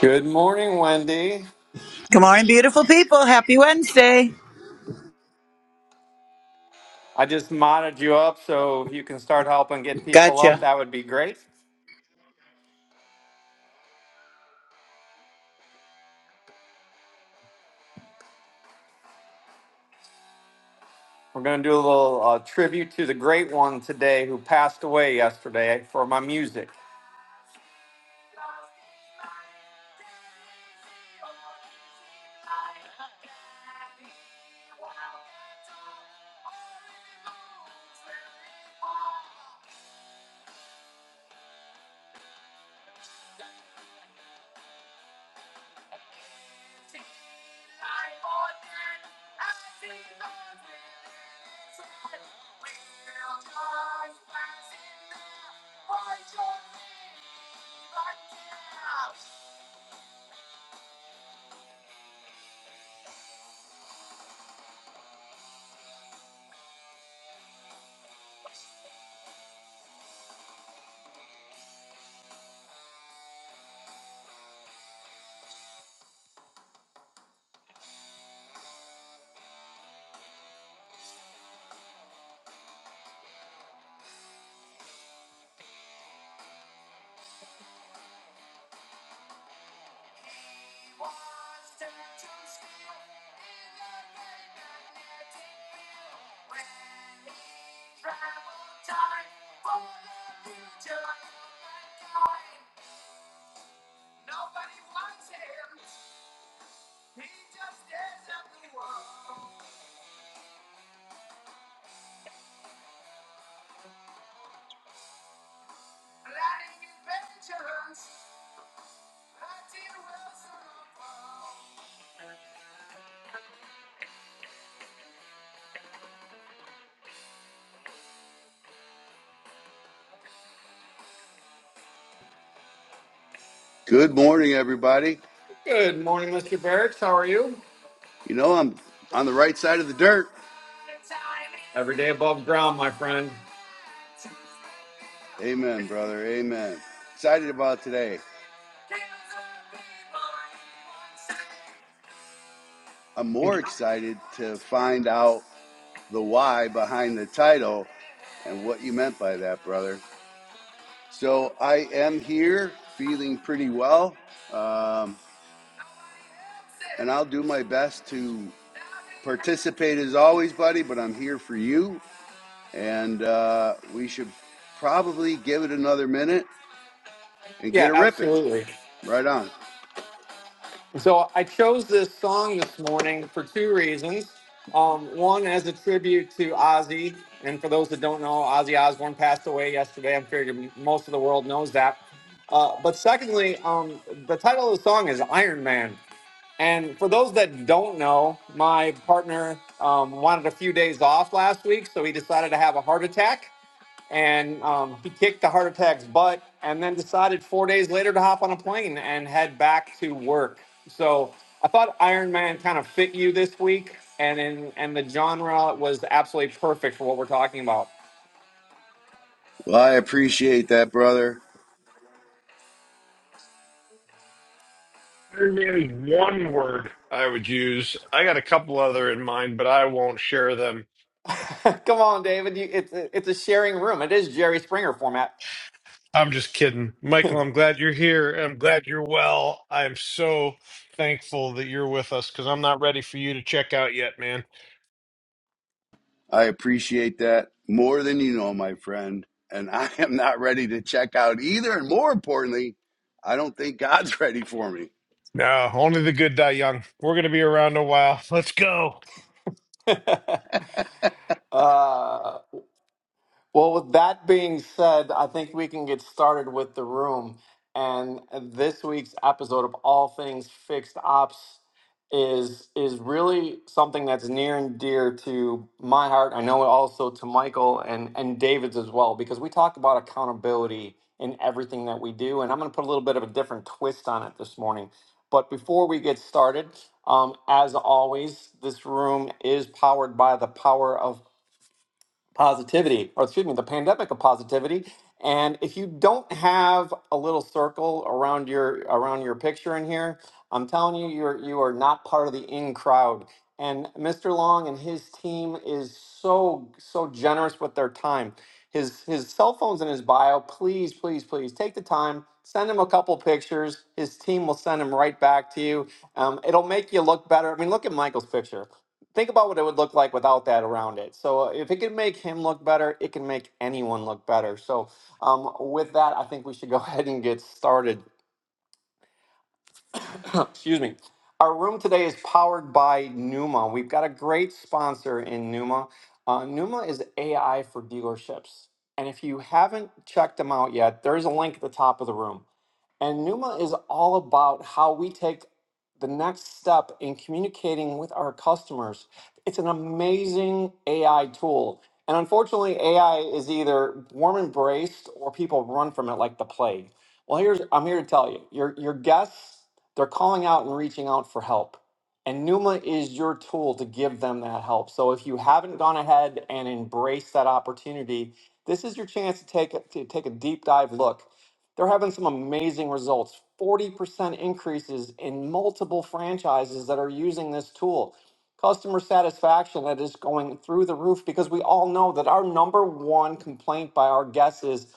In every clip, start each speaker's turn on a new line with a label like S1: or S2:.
S1: Good morning, Wendy.
S2: Good morning, beautiful people. Happy Wednesday.
S1: I just modded you up so if you can start helping get people up,
S2: Gotcha.
S1: that would be great. We're going to do a little uh, tribute to the great one today who passed away yesterday for my music.
S3: Good morning, everybody.
S1: Good morning, Mr. Barracks. How are you?
S3: You know, I'm on the right side of the dirt.
S1: Every day above ground, my friend.
S3: Amen, brother. Amen. Excited about today. I'm more excited to find out the why behind the title and what you meant by that, brother. So I am here feeling pretty well, um, and I'll do my best to participate as always, buddy, but I'm here for you, and uh, we should probably give it another minute and get
S1: Yeah,
S3: a ripping.
S1: absolutely.
S3: Right on.
S1: So I chose this song this morning for two reasons. Um, one, as a tribute to Ozzy, and for those that don't know, Ozzy Osbourne passed away yesterday. I'm sure most of the world knows that. Uh, but secondly, um, the title of the song is Iron Man. And for those that don't know, my partner um, wanted a few days off last week, so he decided to have a heart attack and um, he kicked the heart attack's butt and then decided four days later to hop on a plane and head back to work so i thought iron man kind of fit you this week and in, and the genre was absolutely perfect for what we're talking about
S3: Well, I appreciate that, brother.
S4: There's maybe one word I would use. I got a couple other in mind, but I won't share them.
S1: come on david you, it's, it's a sharing room it is jerry springer format
S4: I'm just kidding. Michael, I'm glad you're here. I'm glad you're well. I'm so thankful that you're with us because I'm not ready for you to check out yet, man.
S3: I appreciate that more than you know, my friend. And I am not ready to check out either. And more importantly, I don't think God's ready for me.
S4: No, only the good die young. We're going to be around a while. Let's go.
S1: uh, Well, with that being said, I think we can get started with the room. And this week's episode of All Things Fixed Ops is is really something that's near and dear to my heart. I know also to Michael and, and David's as well, because we talk about accountability in everything that we do. And I'm gonna put a little bit of a different twist on it this morning. But before we get started, um, as always, this room is powered by the Power of positivity, or excuse me, the pandemic of positivity. And if you don't have a little circle around your around your picture in here, I'm telling you, you're you are not part of the in crowd. And Mr. Long and his team is so so generous with their time. His his cell phone's in his bio. Please, please, please take the time. Send him a couple pictures. His team will send him right back to you. Um, it'll make you look better. I mean, look at Michael's picture think about what it would look like without that around it. So uh, if it can make him look better, it can make anyone look better. So um, with that, I think we should go ahead and get started. Excuse me. Our room today is powered by Numa. We've got a great sponsor in Numa. Uh, Numa is AI for dealerships. And if you haven't checked them out yet, there's a link at the top of the room. And Numa is all about how we take the next step in communicating with our customers. It's an amazing AI tool. And unfortunately, AI is either warm embraced or people run from it like the plague. Well, here's I'm here to tell you. Your your guests, they're calling out and reaching out for help. And Numa is your tool to give them that help. So if you haven't gone ahead and embraced that opportunity, this is your chance to take a, to take a deep dive look they're having some amazing results 40% increases in multiple franchises that are using this tool. Customer satisfaction that is going through the roof because we all know that our number one complaint by our guests is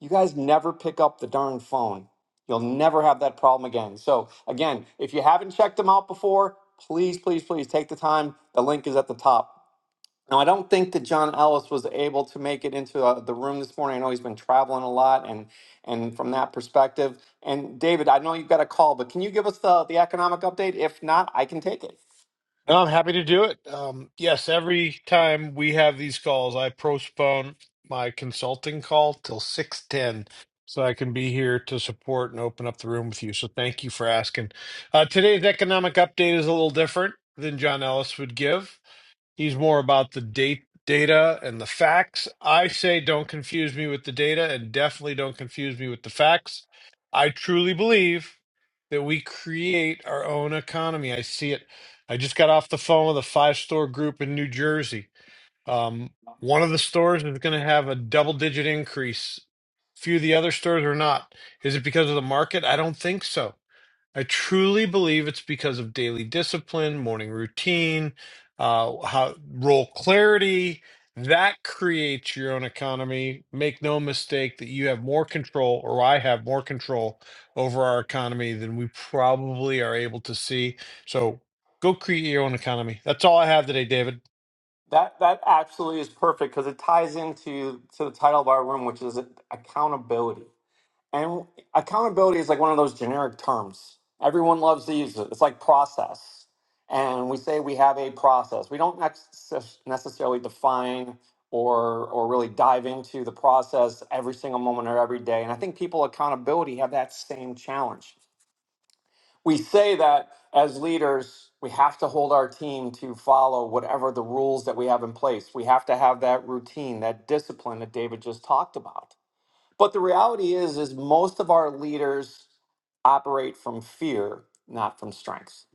S1: you guys never pick up the darn phone. You'll never have that problem again. So, again, if you haven't checked them out before, please, please, please take the time. The link is at the top. Now, I don't think that John Ellis was able to make it into uh, the room this morning. I know he's been traveling a lot, and and from that perspective, and David, I know you've got a call, but can you give us the the economic update? If not, I can take it.
S4: No, I'm happy to do it. Um, yes, every time we have these calls, I postpone my consulting call till 6:10 so I can be here to support and open up the room with you. So thank you for asking. Uh, today's economic update is a little different than John Ellis would give. He's more about the date data and the facts. I say don't confuse me with the data and definitely don't confuse me with the facts. I truly believe that we create our own economy. I see it. I just got off the phone with a five store group in New Jersey. Um, one of the stores is going to have a double digit increase. Few of the other stores are not. Is it because of the market? I don't think so. I truly believe it's because of daily discipline, morning routine, uh, how role clarity that creates your own economy. Make no mistake that you have more control, or I have more control over our economy than we probably are able to see. So go create your own economy. That's all I have today, David.
S1: That that absolutely is perfect because it ties into to the title of our room, which is accountability. And accountability is like one of those generic terms. Everyone loves to use it. It's like process. And we say we have a process. We don't necess- necessarily define or or really dive into the process every single moment or every day. And I think people accountability have that same challenge. We say that as leaders, we have to hold our team to follow whatever the rules that we have in place. We have to have that routine, that discipline that David just talked about but the reality is, is most of our leaders operate from fear, not from strength.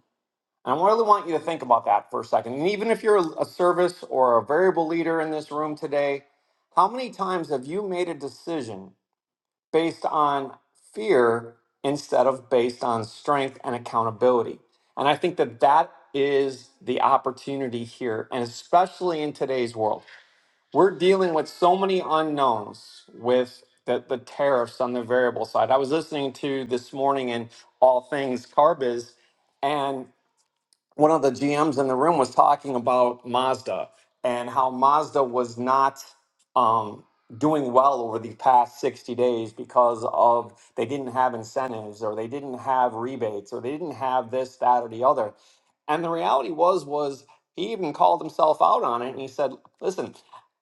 S1: And I really want you to think about that for a second. And even if you're a service or a variable leader in this room today, how many times have you made a decision based on fear instead of based on strength and accountability? And I think that that is the opportunity here, and especially in today's world we're dealing with so many unknowns with the, the tariffs on the variable side. I was listening to this morning in All Things Carbiz, and one of the GMs in the room was talking about Mazda and how Mazda was not um, doing well over the past 60 days because of they didn't have incentives or they didn't have rebates or they didn't have this, that, or the other. And the reality was, was he even called himself out on it and he said, listen,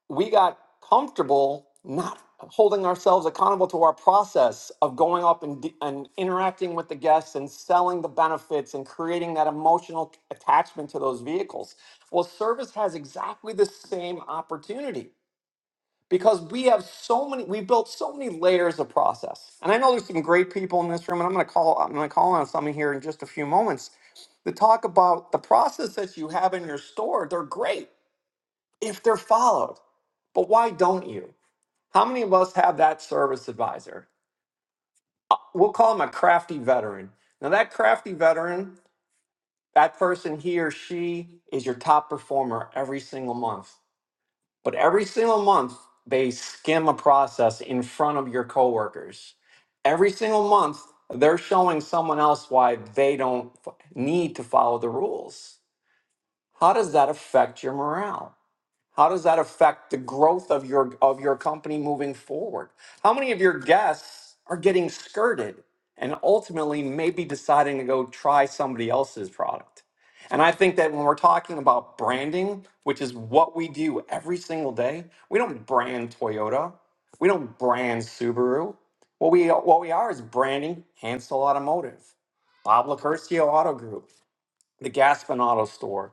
S1: we got comfortable not holding ourselves accountable to our process of going up and, d- and interacting with the guests and selling the benefits and creating that emotional attachment to those vehicles. Well, service has exactly the same opportunity because we have so many we built so many layers of process. And I know there's some great people in this room and I'm going to call I'm going to call on somebody here in just a few moments to talk about the process that you have in your store. They're great if they're followed. But why don't you? How many of us have that service advisor? We'll call him a crafty veteran. Now, that crafty veteran, that person, he or she is your top performer every single month. But every single month, they skim a process in front of your coworkers. Every single month, they're showing someone else why they don't f- need to follow the rules. How does that affect your morale? How does that affect the growth of your of your company moving forward? How many of your guests are getting skirted and ultimately maybe deciding to go try somebody else's product? And I think that when we're talking about branding, which is what we do every single day, we don't brand Toyota, we don't brand Subaru. What we what we are is branding Hansel Automotive, Bob Lacurcio Auto Group, the Gaspin Auto Store,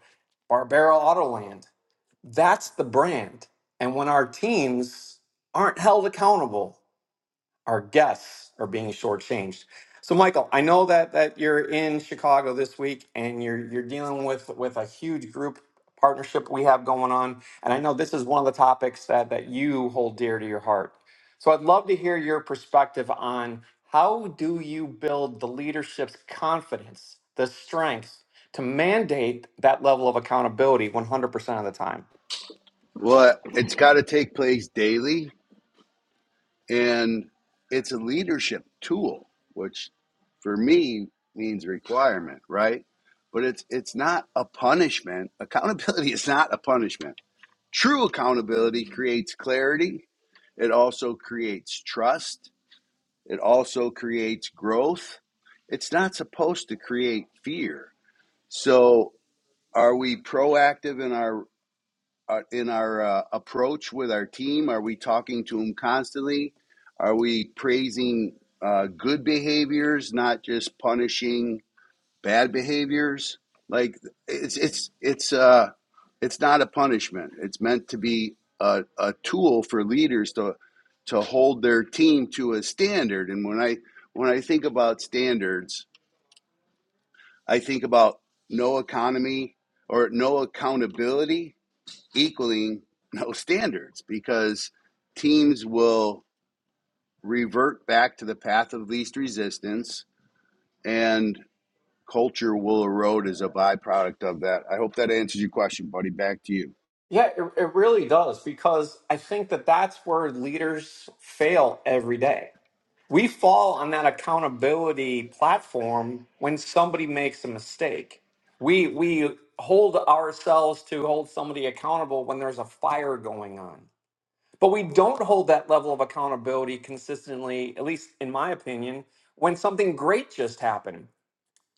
S1: Barbera Autoland. That's the brand. And when our teams aren't held accountable, our guests are being shortchanged. So, Michael, I know that that you're in Chicago this week and you're you're dealing with with a huge group partnership we have going on, and I know this is one of the topics that that you hold dear to your heart. So, I'd love to hear your perspective on how do you build the leadership's confidence, the strength to mandate that level of accountability 100% of the time.
S3: Well, it's got to take place daily, and it's a leadership tool, which for me means requirement, right? But it's it's not a punishment. Accountability is not a punishment. True accountability creates clarity. It also creates trust It also creates growth. It's not supposed to create fear. So, are we proactive in our uh, in our uh, approach with our team? Are we talking to them constantly? Are we praising uh, good behaviors, not just punishing bad behaviors. Like it's it's it's uh it's not a punishment. It's meant to be a, a tool for leaders to to hold their team to a standard. And when I when I think about standards, I think about no economy or no accountability equaling no standards because teams will revert back to the path of least resistance and culture will erode as a byproduct of that. I hope that answers your question, buddy. Back to you.
S1: Yeah, it, it really does because I think that that's where leaders fail every day. We fall on that accountability platform when somebody makes a mistake. We we hold ourselves to hold somebody accountable when there's a fire going on. But we don't hold that level of accountability consistently, at least in my opinion, when something great just happened.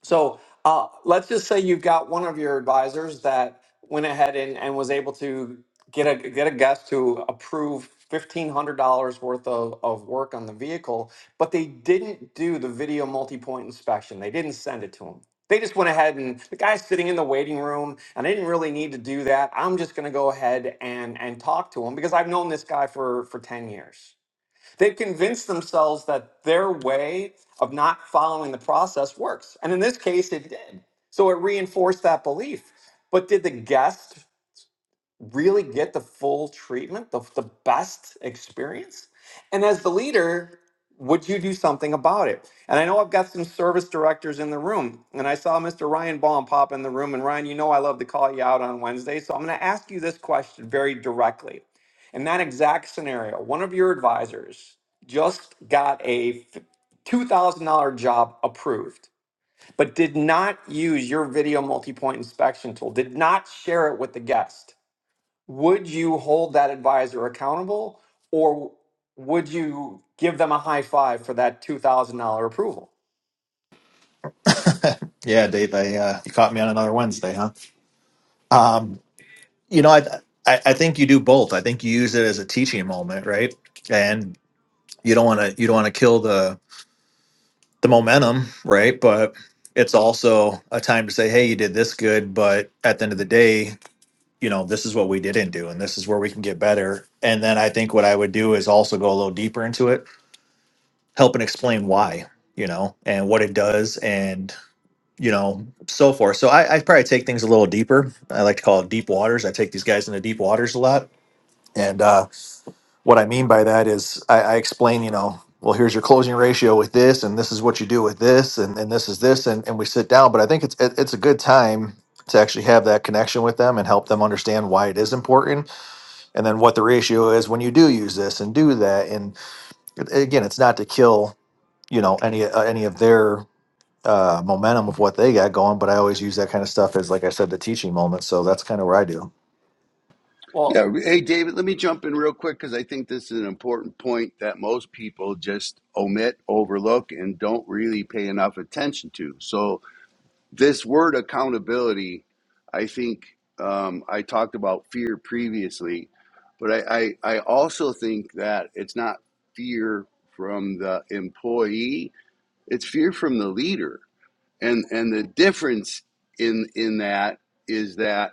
S1: So uh, let's just say you've got one of your advisors that went ahead and, and was able to get a get a guest to approve fifteen hundred dollars worth of, of work on the vehicle, but they didn't do the video multi-point inspection. They didn't send it to them. They just went ahead and the guy's sitting in the waiting room, and I didn't really need to do that. I'm just going to go ahead and and talk to him because I've known this guy for for ten years They've convinced themselves that their way of not following the process works. And in this case, it did. So it reinforced that belief. But did the guest really get the full treatment, the, the best experience? And as the leader, would you do something about it? And I know I've got some service directors in the room, and I saw Mr. Ryan Baum pop in the room. And Ryan, you know I love to call you out on Wednesday, so I'm going to ask you this question very directly. In that exact scenario, one of your advisors just got a f- $2,000 job approved, but did not use your video multi point inspection tool, did not share it with the guest would you hold that advisor accountable or would you give them a high five for that $2,000 approval?
S5: Yeah, Dave, I, uh, you caught me on another Wednesday, huh? Um, you know, I, I I think you do both. I think you use it as a teaching moment, right? And you don't want to you don't want to kill the the momentum, right? But it's also a time to say, hey, you did this good, but at the end of the day, you know, this is what we didn't do, and this is where we can get better. And then I think what I would do is also go a little deeper into it, help and explain why, you know, and what it does, you know, so forth. So I, I probably take things a little deeper. I like to call it deep waters. I take these guys into deep waters a lot. And uh, what I mean by that is I, I explain, you know, well, here's your closing ratio with this, and this is what you do with this, and, and this is this, and, and we sit down. But I think it's it, it's a good time to actually have that connection with them and help them understand why it is important, and then what the ratio is when you do use this and do that. And it- again, it's not to kill, you know, any uh, any of their uh, momentum of what they got going. But I always use that kind of stuff as, like I said, the teaching moment. So that's kind of what I do.
S1: Well,
S3: Yeah. Hey, David, let me jump in real quick because I think this is an important point that most people just omit, overlook, and don't really pay enough attention to. So, this word accountability, I think um, I talked about fear previously, but I, I, I also think that it's not fear from the employee, it's fear from the leader and and the difference in in that is that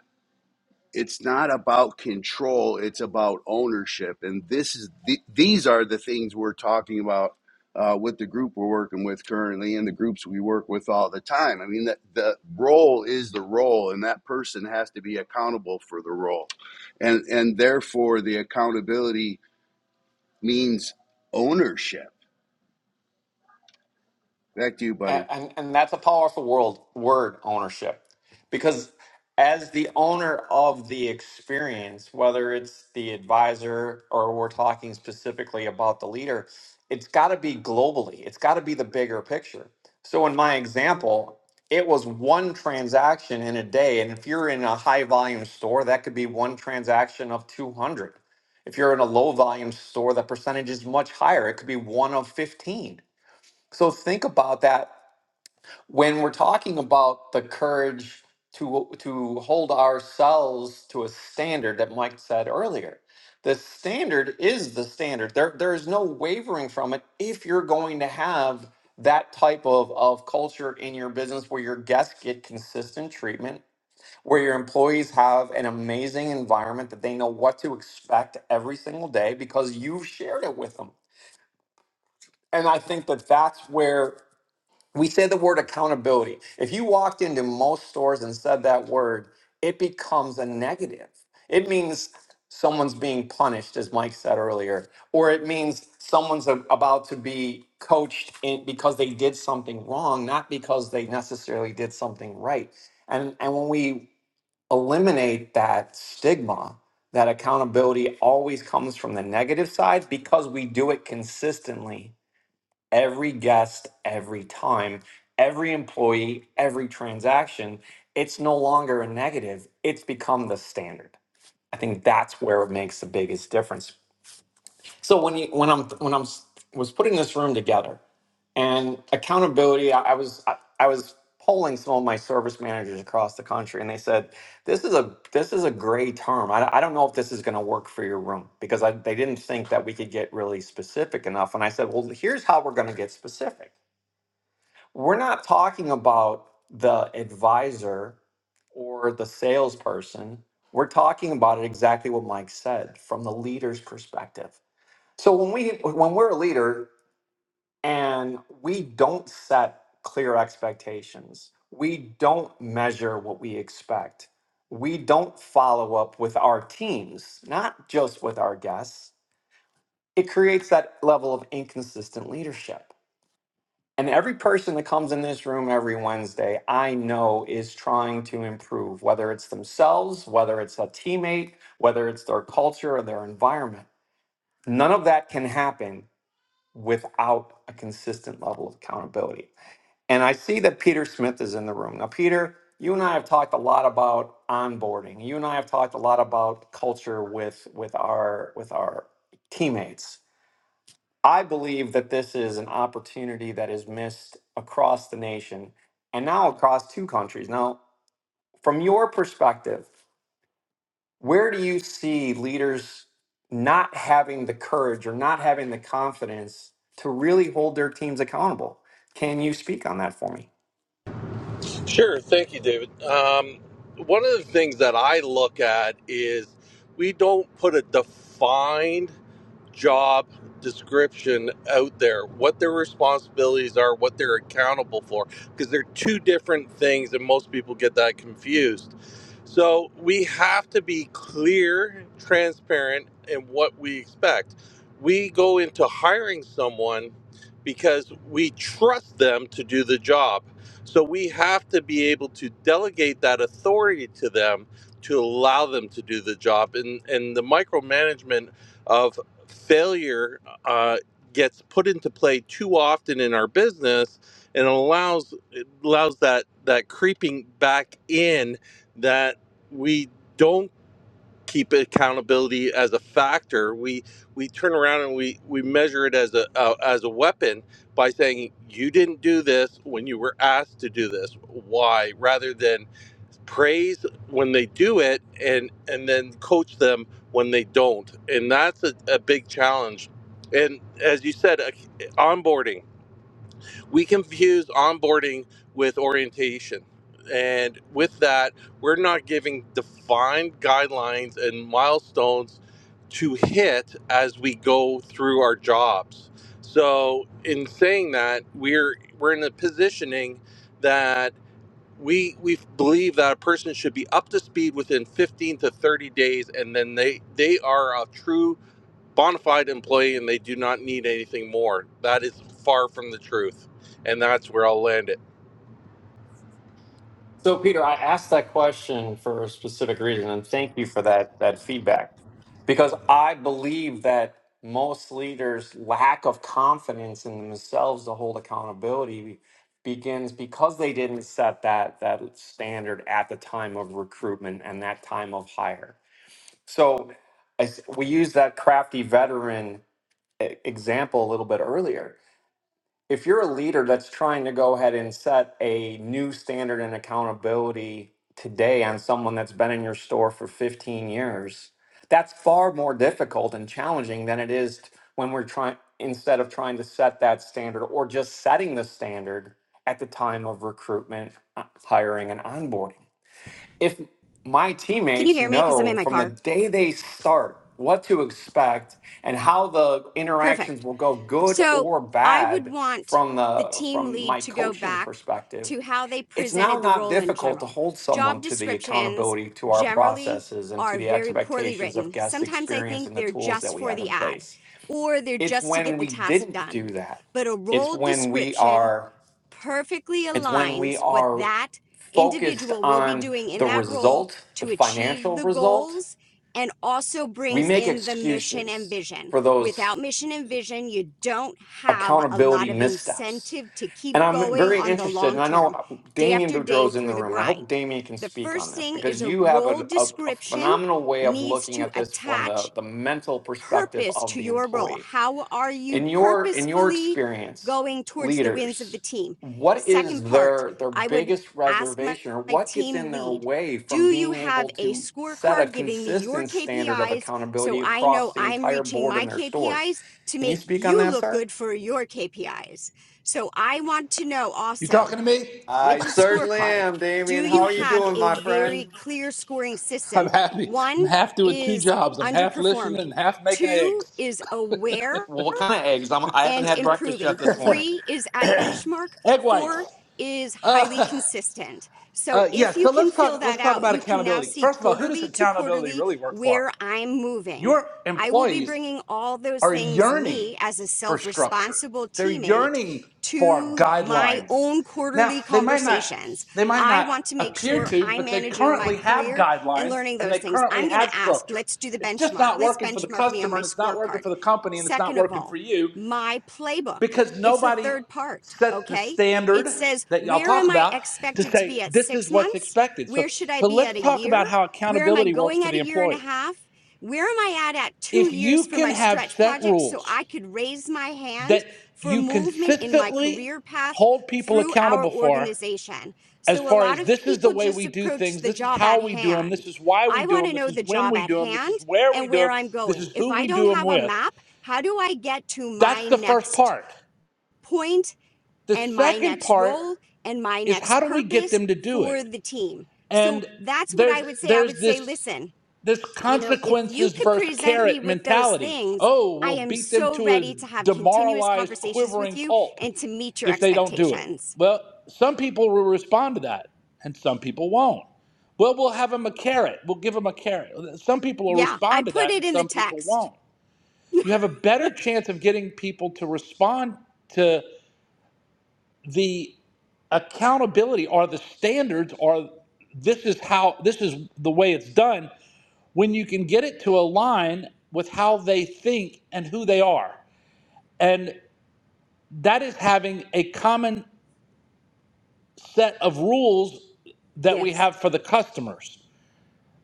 S3: it's not about control it's about ownership and this is the, these are the things we're talking about uh, with the group we're working with currently and the groups we work with all the time i mean the, the role is the role and that person has to be accountable for the role and and therefore the accountability means ownership back to you buddy
S1: A- and and that's a powerful world word ownership because as the owner of the experience whether it's the advisor or we're talking specifically about the leader it's got to be globally it's got to be the bigger picture so in my example it was one transaction in a day and if you're in a high volume store that could be one transaction of 200 if you're in a low volume store the percentage is much higher it could be one of 15 so think about that when we're talking about the courage to to hold ourselves to a standard that Mike said earlier, the standard is the standard. There there is no wavering from it if you're going to have that type of, of culture in your business where your guests get consistent treatment, where your employees have an amazing environment that they know what to expect every single day because you've shared it with them. And I think that that's where we say the word accountability. If you walked into most stores and said that word, it becomes a negative. It means someone's being punished, as Mike said earlier, or it means someone's a- about to be coached in, because they did something wrong, not because they necessarily did something right. And, and when we eliminate that stigma, that accountability always comes from the negative side because we do it consistently every guest, every time, every employee, every transaction, it's no longer a negative. It's become the standard. I think that's where it makes the biggest difference. So when you when I'm when I'm s- was putting this room together, and accountability, I, I was I, I was polling some of my service managers across the country, and they said this is a this is a gray term. I, I don't know if this is going to work for your room because I, they didn't think that we could get really specific enough. And I said, well, here's how we're going to get specific we're not talking about the advisor or the salesperson. We're talking about it exactly what Mike said from the leader's perspective. So when we when we're a leader and we don't set clear expectations, we don't measure what we expect. We don't follow up with our teams, not just with our guests. It creates that level of inconsistent leadership. And every person that comes in this room every Wednesday, I know is trying to improve, whether it's themselves, whether it's a teammate, whether it's their culture or their environment. None of that can happen without a consistent level of accountability. And I see that Peter Smith is in the room. Now, Peter, you and I have talked a lot about onboarding. You and I have talked a lot about culture with with our with our teammates. I believe that this is an opportunity that is missed across the nation and now across two countries. Now, from your perspective, where do you see leaders not having the courage or not having the confidence to really hold their teams accountable? Can you speak on that for me?
S6: Sure. Thank you, David. Um, one of the things that I look at is we don't put a defined job description out there, what their responsibilities are, what they're accountable for, because they're two different things, and most people get that confused. So we have to be clear, transparent in what we expect. We go into hiring someone because we trust them to do the job. So we have to be able to delegate that authority to them to allow them to do the job. And and the micromanagement of failure uh, gets put into play too often in our business and allows it allows that that creeping back in that we don't keep accountability as a factor we we turn around and we we measure it as a uh, as a weapon by saying you didn't do this when you were asked to do this why rather than praise when they do it and and then coach them when they don't and that's a, a big challenge and as you said uh, onboarding we confuse onboarding with orientation and with that we're not giving defined guidelines and milestones to hit as we go through our jobs so in saying that we're we're in a positioning that we we believe that a person should be up to speed within 15 to 30 days and then they they are a true bona fide employee and they do not need anything more that is far from the truth and that's where i'll land it
S1: So, Peter, I asked that question for a specific reason, and thank you for that that feedback, because I believe that most leaders' lack of confidence in themselves to hold accountability begins because they didn't set that that standard at the time of recruitment and that time of hire. So, I s we used that crafty veteran e- example a little bit earlier if you're a leader that's trying to go ahead and set a new standard and accountability today on someone that's been in your store for 15 years, that's far more difficult and challenging than it is t- when we're trying, instead of trying to set that standard or just setting the standard at the time of recruitment, uh, hiring, and onboarding if my
S7: Can you
S1: teammates
S7: hear me? Because I'm in
S1: know
S7: my
S1: from the
S7: car.
S1: day they start what to expect and how the interactions
S7: Perfect.
S1: will go good
S7: So
S1: or
S7: I would
S1: bad
S7: want
S1: from
S7: the
S1: the
S7: team
S1: from
S7: lead
S1: my
S7: to go
S1: coaching
S7: back
S1: perspective
S7: to how they
S1: it's now
S7: presented the
S1: not
S7: role in
S1: difficult to
S7: general.
S1: hold someone
S7: Job
S1: to the
S7: descriptions
S1: accountability to our
S7: generally
S1: processes and to
S7: are
S1: the
S7: very poorly
S1: expectations of
S7: written.
S1: guest
S7: Sometimes I
S1: experience
S7: think
S1: and the
S7: they're
S1: tools that
S7: just
S1: we
S7: for
S1: have
S7: the
S1: in
S7: ad
S1: place
S7: or they're
S1: it's
S7: just to get
S1: when
S7: the
S1: we
S7: task
S1: didn't do
S7: done.
S1: that
S7: But a
S1: it's
S7: role
S1: when we
S7: description
S1: are
S7: perfectly
S1: it's when we
S7: aligns what
S1: are
S7: that
S1: focused
S7: individual will be
S1: on
S7: doing in
S1: the
S7: that role
S1: result, the
S7: to achieve
S1: financial
S7: the
S1: result,
S7: goals and also
S1: we
S7: brings
S1: make
S7: in the mission and
S1: excuses
S7: vision.
S1: for those
S7: Without mission and vision, you don't have a
S1: accountability
S7: lot of
S1: missteps.
S7: incentive to
S1: And
S7: keep
S1: I'm
S7: going
S1: very
S7: on the
S1: interested,
S7: long
S1: and I know
S7: term,
S1: uh,
S7: day
S1: Damien
S7: after day
S1: Boudreau's in the
S7: through the
S1: room, and I hope
S7: grind.
S1: Damien can
S7: The
S1: speak on
S7: first
S1: this
S7: thing is
S1: because
S7: a
S1: you have
S7: role
S1: a, a, a
S7: description
S1: phenomenal way of
S7: needs
S1: looking
S7: to
S1: at this from
S7: attach
S1: the, the mental perspective
S7: purpose
S1: of
S7: to
S1: the
S7: your role.
S1: employee.
S7: How are you
S1: in your in your
S7: purposefully
S1: experience
S7: going towards the wins of the
S1: leaders
S7: team?
S1: what
S7: Second
S1: is
S7: part,
S1: their their
S7: I would
S1: biggest
S7: ask my,
S1: reservation or
S7: my
S1: what gets in
S7: team
S1: their
S7: lead
S1: way from
S7: Do you
S1: being able
S7: have a
S1: to set a
S7: scorecard giving me your
S1: consistent standard of
S7: KPIs so
S1: accountability
S7: I
S1: across
S7: know
S1: the
S7: I'm
S1: entire
S7: reaching
S1: board
S7: my
S1: in their stores
S7: KPIs to
S1: can you
S7: make
S1: speak on
S7: you
S1: that
S7: look
S1: sir
S7: good for your KPIs? So I want to know
S8: You
S7: also
S8: talking to me?
S7: with
S1: i
S7: the
S1: certainly
S7: scorecard,
S1: am
S7: do
S1: damien how
S7: you
S1: are you
S7: have
S1: doing
S7: a
S1: my
S7: very
S1: friend
S7: clear scoring
S8: I'm
S7: system?
S8: happy. I'm
S7: One
S8: half doing two
S7: is
S8: jobs. I'm half listening and
S7: underperforming,
S8: half making
S7: two
S8: eggs.
S7: is aware
S1: well what kind of eggs I'm, i haven't
S7: and
S1: had breakfast yet
S7: improving.
S1: this morning
S7: Three is at benchmark.
S8: Egg whites.
S7: Four is highly consistent. So
S8: Uh, yeah,
S7: if you
S8: so
S7: can
S8: let's
S7: fill
S8: talk
S7: that
S8: let's talk
S7: out,
S8: about
S7: you can now
S8: accountability.
S7: see
S8: First of all, who does
S7: quarterly to
S8: accountability
S7: quarterly
S8: really work for?
S7: where I'm moving.
S8: Your
S7: I will be
S8: employees
S7: bringing all those
S8: are
S7: things,
S8: yearning
S7: me as a
S8: for
S7: self
S8: structure.
S7: responsible
S8: They're
S7: teammate,
S8: yearning for
S7: to my
S8: guidelines.
S7: own
S8: Now,
S7: quarterly
S8: they might not
S7: conversations.
S8: they might
S7: I
S8: not
S7: want to make
S8: appear
S7: sure
S8: to,
S7: I'm
S8: but they
S7: managing my
S8: currently have
S7: career and
S8: guidelines
S7: learning
S8: and
S7: those
S8: they
S7: things.
S8: currently
S7: I'm going
S8: have
S7: to ask,
S8: structure.
S7: let's do the
S8: It's just
S7: benchmark.
S8: not
S7: Let's
S8: working for the
S7: benchmark me on
S8: customer
S7: my
S8: and it's not working
S7: scorecard.
S8: for the company and it's not
S7: Second of
S8: working for
S7: all,
S8: you.
S7: my playbook.
S8: because
S7: It's the
S8: nobody
S7: third part.
S8: set the
S7: Okay. It
S8: standard
S7: says,
S8: that y'all
S7: where
S8: talk
S7: am I
S8: about to
S7: expected to
S8: say
S7: be at
S8: this
S7: six
S8: is what's
S7: months?
S8: expected. So
S7: Where should I
S8: so
S7: be at
S8: let's
S7: a
S8: talk about
S7: year?
S8: how
S7: Where am I
S8: accountability works
S7: going
S8: for
S7: at a
S8: the
S7: year and a
S8: employee.
S7: half? Where am I at at two
S8: If
S7: years
S8: you
S7: for
S8: can
S7: my
S8: have
S7: stretch
S8: set
S7: project so I
S8: rules
S7: could raise my hand
S8: that
S7: for
S8: you
S7: movement in my
S8: consistently
S7: career path
S8: hold people
S7: through our
S8: accountable for
S7: organization?
S8: as
S7: So a
S8: far
S7: lot
S8: as
S7: of
S8: this is the
S7: people
S8: way
S7: just
S8: we do
S7: approach
S8: things,
S7: the
S8: this is
S7: job
S8: how
S7: at
S8: we do them, this
S7: hand.
S8: is why we
S7: I
S8: do
S7: want
S8: them,
S7: to
S8: this
S7: know
S8: is
S7: the
S8: when
S7: job
S8: we
S7: at
S8: do them, this
S7: hand
S8: is where we
S7: and
S8: do them,
S7: where I'm
S8: this
S7: going.
S8: is
S7: If
S8: who
S7: I
S8: we do
S7: don't
S8: them
S7: have a
S8: with.
S7: map, how do I get to
S8: That's
S7: my
S8: the first
S7: next
S8: part.
S7: point
S8: The
S7: and my
S8: second
S7: next
S8: part
S7: role and my
S8: is how
S7: next
S8: do we get
S7: purpose
S8: them to do it?
S7: for the team? So
S8: and
S7: that's what
S8: there's
S7: I would say. I would
S8: there's
S7: say,
S8: this
S7: listen,
S8: this
S7: you know, if you
S8: consequences
S7: could
S8: versus
S7: present me
S8: carrot
S7: with those
S8: mentality
S7: things,
S8: oh
S7: I
S8: we'll
S7: am
S8: beat them
S7: so
S8: to a
S7: ready to have continuous
S8: demoralized
S7: conversations with
S8: quivering
S7: you
S8: pulp
S7: and to meet your
S8: if they don't do it
S7: expectations.
S8: well some people will respond to that and some people won't well we'll have them a carrot we'll give them a carrot some people will
S7: Yeah, I
S8: respond to
S7: put
S8: that
S7: it
S8: and
S7: in the
S8: some people
S7: text.
S8: won't you have a better chance of getting people to respond to the accountability or the standards are this is how this is the way it's done when you can get it to align with how they think and who they are and that is having a common set of rules that we
S7: Yes.
S8: have for the customers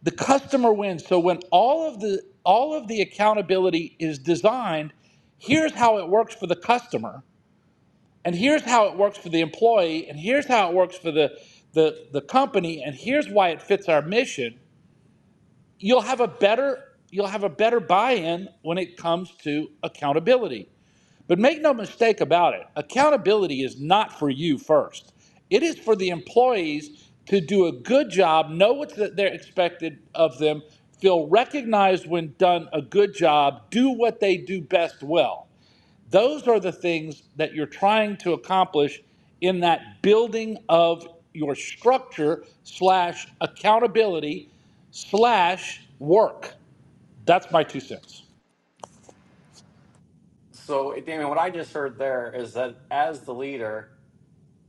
S8: the customer wins so when all of the all of the accountability is designed here's how it works for the customer and here's how it works for the employee and here's how it works for the the the company and here's why it fits our mission you'll have a better you'll have a better buy-in when it comes to accountability but make no mistake about it accountability is not for you first it is for the employees to do a good job know what's that they're expected of them feel recognized when done a good job do what they do best well those are the things that you're trying to accomplish in that building of your structure slash accountability slash work. That's my two cents.
S1: so damien what i just heard there is that as the leader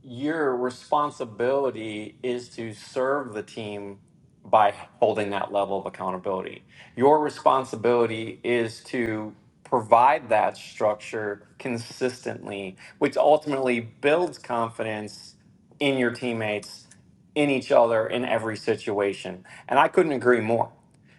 S1: your responsibility is to serve the team by holding that level of accountability. Your responsibility is to provide that structure consistently, which ultimately builds confidence in your teammates, in each other, in every situation. And I couldn't agree more.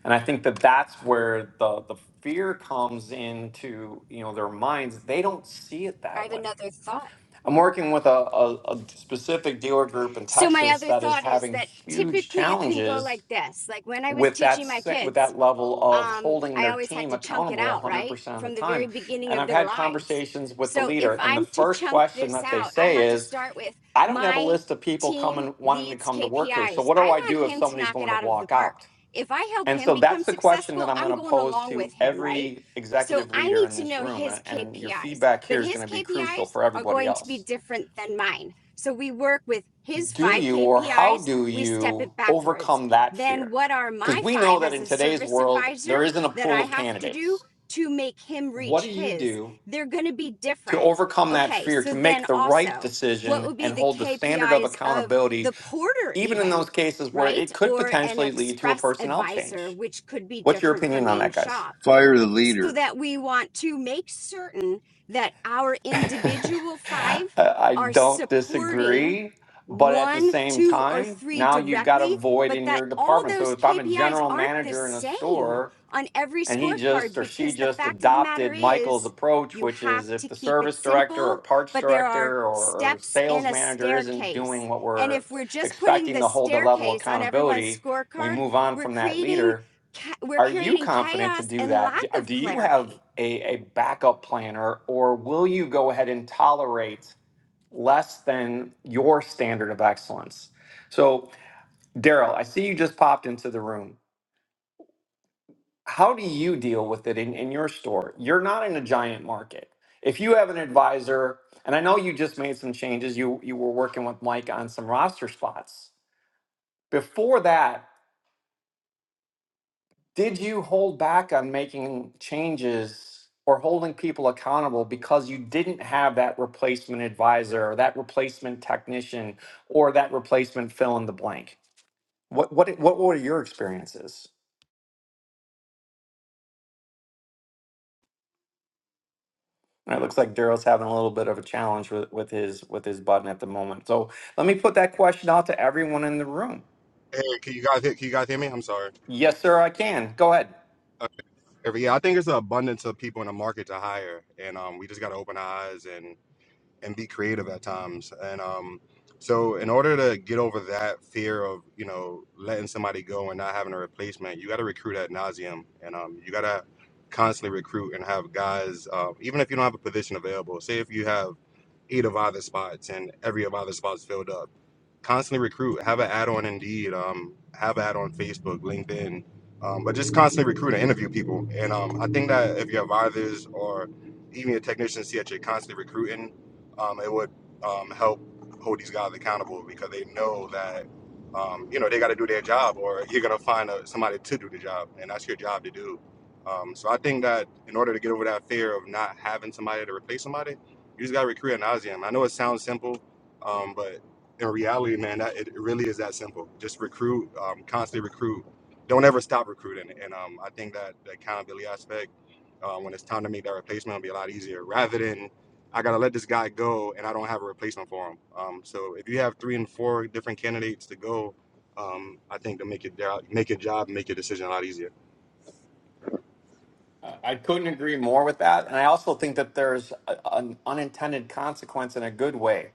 S1: And I think that that's where the the fear comes into you know their minds. They don't see it
S7: I
S1: that
S7: have
S1: way
S7: another thought.
S1: I'm working with a, a, a specific dealer group in
S7: So my
S1: Texas
S7: other
S1: that is
S7: thought is
S1: having
S7: that
S1: huge
S7: typically it can go
S1: challenges
S7: like this. Like when I was
S1: with that
S7: teaching my
S1: se- with
S7: kids,
S1: that level of
S7: um,
S1: holding
S7: I
S1: their
S7: always had
S1: team
S7: to chunk it
S1: accountable
S7: out, right?
S1: 100% of the
S7: From the
S1: time.
S7: very beginning
S1: And
S7: of
S1: I've
S7: their
S1: had
S7: lives.
S1: conversations with the
S7: So
S1: leader
S7: if
S1: and the
S7: I'm to
S1: first
S7: chunk
S1: question
S7: this
S1: that they
S7: out, I
S1: say
S7: have to
S1: is,
S7: start with
S1: "I don't have a
S7: my
S1: list of people
S7: team
S1: coming wanting to
S7: leads
S1: come to work here. So
S7: KPIs.
S1: what
S7: I
S1: do I
S7: want
S1: do if
S7: him to
S1: somebody's
S7: knock it
S1: going to
S7: out of the
S1: walk
S7: park.
S1: out?"
S7: If I help
S1: And
S7: him
S1: so
S7: become
S1: that's the question that
S7: successful,
S1: I'm going
S7: I'm
S1: to
S7: going
S1: pose
S7: along
S1: to
S7: with him, right?
S1: every
S7: So
S1: executive
S7: I
S1: leader
S7: need
S1: in
S7: to
S1: this
S7: know
S1: room
S7: his
S1: and, and your
S7: KPIs,
S1: feedback here
S7: but
S1: is going
S7: his
S1: to be crucial
S7: KPIs
S1: for
S7: are
S1: everybody
S7: going to be
S1: else
S7: different than mine. So we work with his
S1: do
S7: five
S1: you or how
S7: KPIs,
S1: do
S7: we step
S1: you
S7: it backwards
S1: overcome that
S7: then
S1: fear?
S7: what are
S1: Because
S7: my
S1: we know
S7: five
S1: that
S7: as
S1: in
S7: a
S1: today's
S7: service
S1: world,
S7: advisor
S1: there isn't a
S7: that
S1: pool
S7: I
S1: of
S7: have to do
S1: candidates.
S7: to make him
S1: What
S7: reach
S1: do you
S7: his?
S1: do
S7: They're going to be
S1: to
S7: different.
S1: overcome that
S7: Okay,
S1: fear, to
S7: so then
S1: make the right
S7: also, what
S1: decision
S7: would be
S1: and
S7: the
S1: hold the standard of
S7: KPIs of
S1: accountability,
S7: the porter,
S1: even in
S7: even,
S1: those cases where
S7: right?
S1: it could
S7: Or an
S1: potentially lead to a
S7: express
S1: personnel
S7: advisor,
S1: change?
S7: which could be
S1: What's your
S7: different from
S1: opinion on
S7: main
S1: that, guys?
S7: shop
S3: fire the
S7: so
S3: leader
S7: that we want to make certain that our
S1: I
S7: individual five
S1: I
S7: are
S1: don't
S7: supporting
S1: disagree. But at the
S7: one,
S1: same
S7: two, or
S1: time,
S7: three
S1: now you've got a
S7: directly,
S1: void
S7: but
S1: in
S7: that
S1: your
S7: all
S1: department. So
S7: those
S1: if I'm a
S7: KPIs
S1: general
S7: aren't the
S1: manager in a
S7: same
S1: store
S7: on every
S1: and he just
S7: scorecard
S1: or she
S7: because the
S1: just
S7: fact of the matter
S1: adopted Michael's
S7: is
S1: approach,
S7: you
S1: which
S7: have
S1: is if
S7: to
S1: the
S7: keep it
S1: service director or
S7: simple,
S1: parts
S7: but there are
S1: director or, or
S7: steps in
S1: sales
S7: a
S1: manager isn't doing
S7: staircase.
S1: what
S7: And
S1: we're
S7: if we're just putting
S1: expecting
S7: the
S1: to hold the level of
S7: staircase on everyone's
S1: accountability, we
S7: scorecard,
S1: move on
S7: we're
S1: from that
S7: creating
S1: leader.
S7: ca- we're
S1: Are you
S7: creating
S1: confident to
S7: chaos
S1: do
S7: and
S1: that?
S7: lack
S1: D- uh,
S7: of
S1: Do you
S7: clarity
S1: have a, a backup plan or, or will you go ahead and tolerate less than your standard of excellence? So, Daryl, I see you just popped into the room how do you deal with it in, in your store? You're not in a giant market. If you have an advisor, and I know you just made some changes, you you were working with Mike on some roster spots. Before that, did you hold back on making changes or holding people accountable because you didn't have that replacement advisor or that replacement technician or that replacement fill in the blank? What what what were your experiences? And It looks like Daryl's having a little bit of a challenge with, with his with his button at the moment. So let me put that question out to everyone in the room.
S9: Hey, can you guys hear, can you guys hear me? I'm sorry.
S1: Yes, sir, I can. Go ahead.
S9: Uh, every- yeah, I think it's an abundance of people in the market to hire, and um, we just got to open our eyes and and be creative at times. And um, so, in order to get over that fear of you know letting somebody go and not having a replacement, you got to recruit at nauseum, and um, you got to constantly recruit and have guys, uh, even if you don't have a position available. Say if you have eight of either spots and every of either spots filled up constantly recruit. Have an ad on Indeed. Um, have an ad on Facebook, LinkedIn. Um, but just constantly recruit and interview people. And um, I think that if your advisors or even your technicians see that you're constantly recruiting, um, it would um, help hold these guys accountable because they know that um, you know they got to do their job, or you're gonna find a, somebody to do the job, and that's your job to do. Um, so I think that in order to get over that fear of not having somebody to replace somebody, you just got to recruit ad nauseum. I know it sounds simple, um, but in reality, man, that it really is that simple. Just recruit, um, constantly recruit. Don't ever stop recruiting. And um, I think that the accountability aspect, uh, when it's time to make that replacement, will be a lot easier rather than I got to let this guy go and I don't have a replacement for him. Um, so if you have three and four different candidates to go, um, I think to make it uh, make your job, make your decision a lot easier.
S1: I I couldn't agree more with that. And I also think that there's a, an unintended consequence in a good way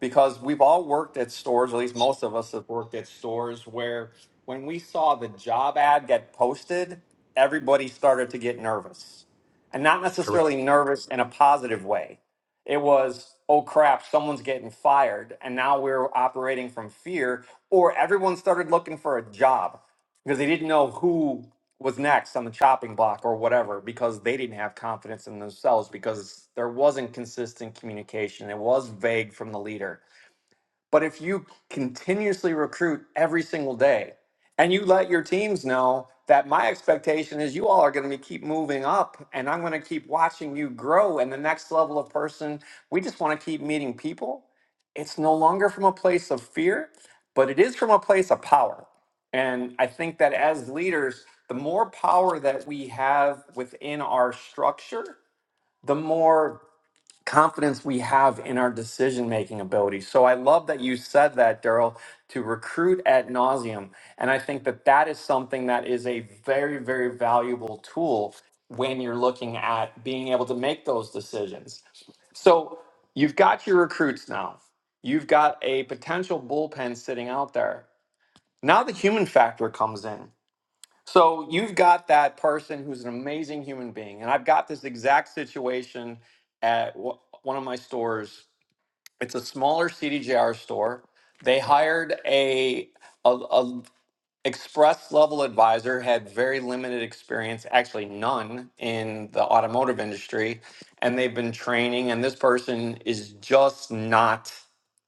S1: because we've all worked at stores, at least most of us have worked at stores, where when we saw the job ad get posted, everybody started to get nervous. And not
S9: Correct.
S1: necessarily nervous in a positive way. It was, oh crap, someone's getting fired. And now we're operating from fear, or everyone started looking for a job because they didn't know who was next on the chopping block or whatever because they didn't have confidence in themselves because there wasn't consistent communication. It was vague from the leader. But if you continuously recruit every single day and you let your teams know that my expectation is you all are going to keep moving up and I'm going to keep watching you grow and the next level of person, we just want to keep meeting people. It's no longer from a place of fear, but it is from a place of power. And I think that as leaders, the more power that we have within our structure, the more confidence we have in our decision making ability. So I love that you said that, Daryl, to recruit ad nauseum. And I think that that is something that is a very, very valuable tool when you're looking at being able to make those decisions. So you've got your recruits now, you've got a potential bullpen sitting out there. Now the human factor comes in. So you've got that person who's an amazing human being, and I've got this exact situation at w- one of my stores. It's a smaller CDJR store. They hired a, a, a express level advisor, had very limited experience, actually none in the automotive industry, and they've been training. And this person is just not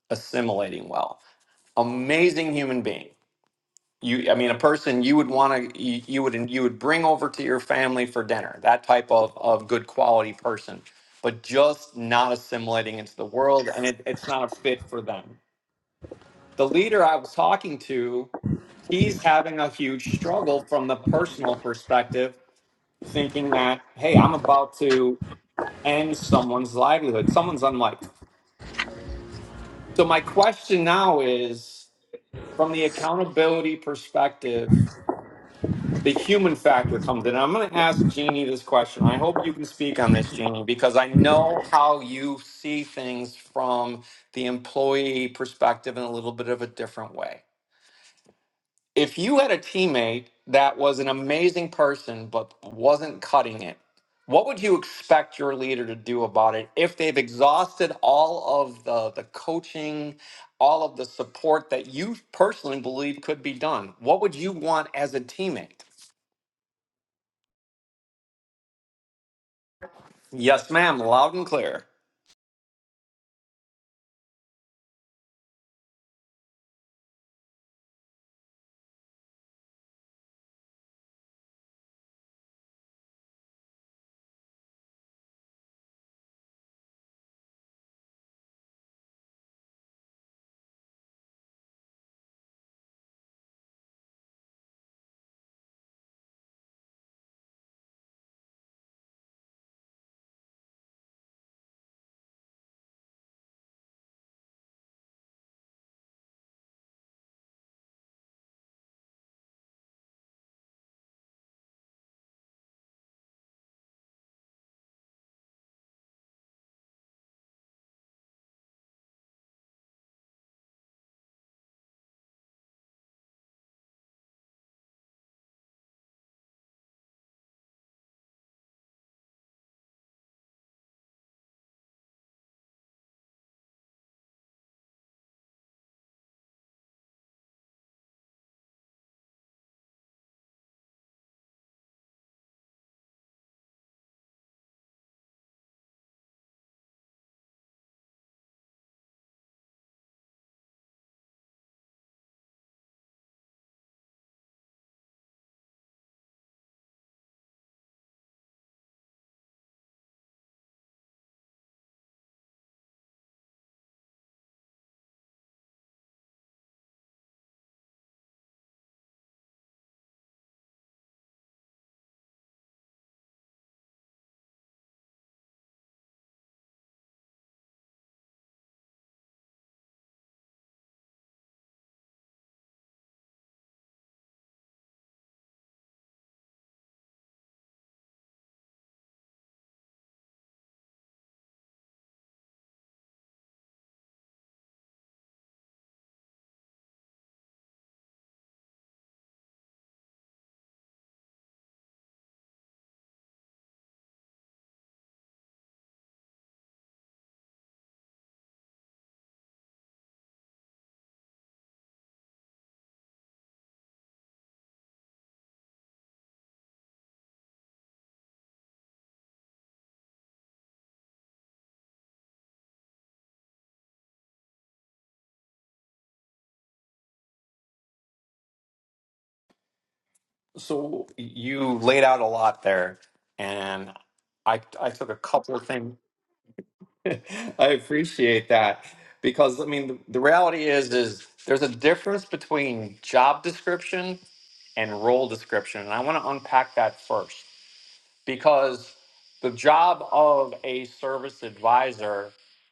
S1: assimilating well. Amazing human being you i mean a person you would want to you, you would you would bring over to your family for dinner that type of of good quality person but just not assimilating into the world and it, it's not a fit for them the leader i was talking to he's having a huge struggle from the personal perspective thinking that hey i'm about to end someone's livelihood someone's unlife so my question now is from the accountability perspective the human factor comes in. I'm going to ask Jeannie this question. I hope you can speak on this, Jeannie, because I know how you see things from the employee perspective in a little bit of a different way. If you had a teammate that was an amazing person but wasn't cutting it, what would you expect your leader to do about it if they've exhausted all of the, the coaching, all of the support that you personally believe could be done? What would you want as a teammate? Yes, ma'am, loud and clear. So you laid out a lot there, and I I took a couple of things. I appreciate that because I mean the, the reality is is there's a difference between job description and role description, and I want to unpack that first. because the job of a service advisor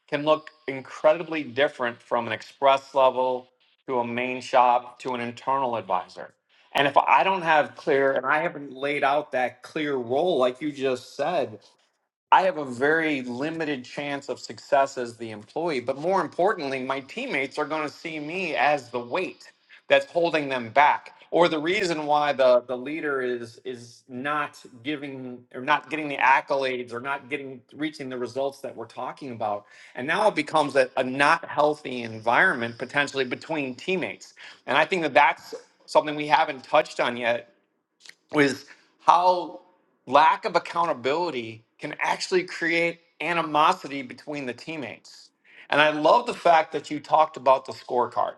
S1: can look incredibly different from an express level to a main shop to an internal advisor. And if I don't have clear, and I haven't laid out that clear role, like you just said, I have a very limited chance of success as the employee, but more importantly, my teammates are going to see me as the weight that's holding them back or the reason why the, the leader is is not giving or not getting the accolades or not getting reaching the results that we're talking about and now it becomes a, a not healthy environment potentially between teammates and i think that that's something we haven't touched on yet was how lack of accountability can actually create animosity between the teammates. And I love the fact that you talked about the scorecard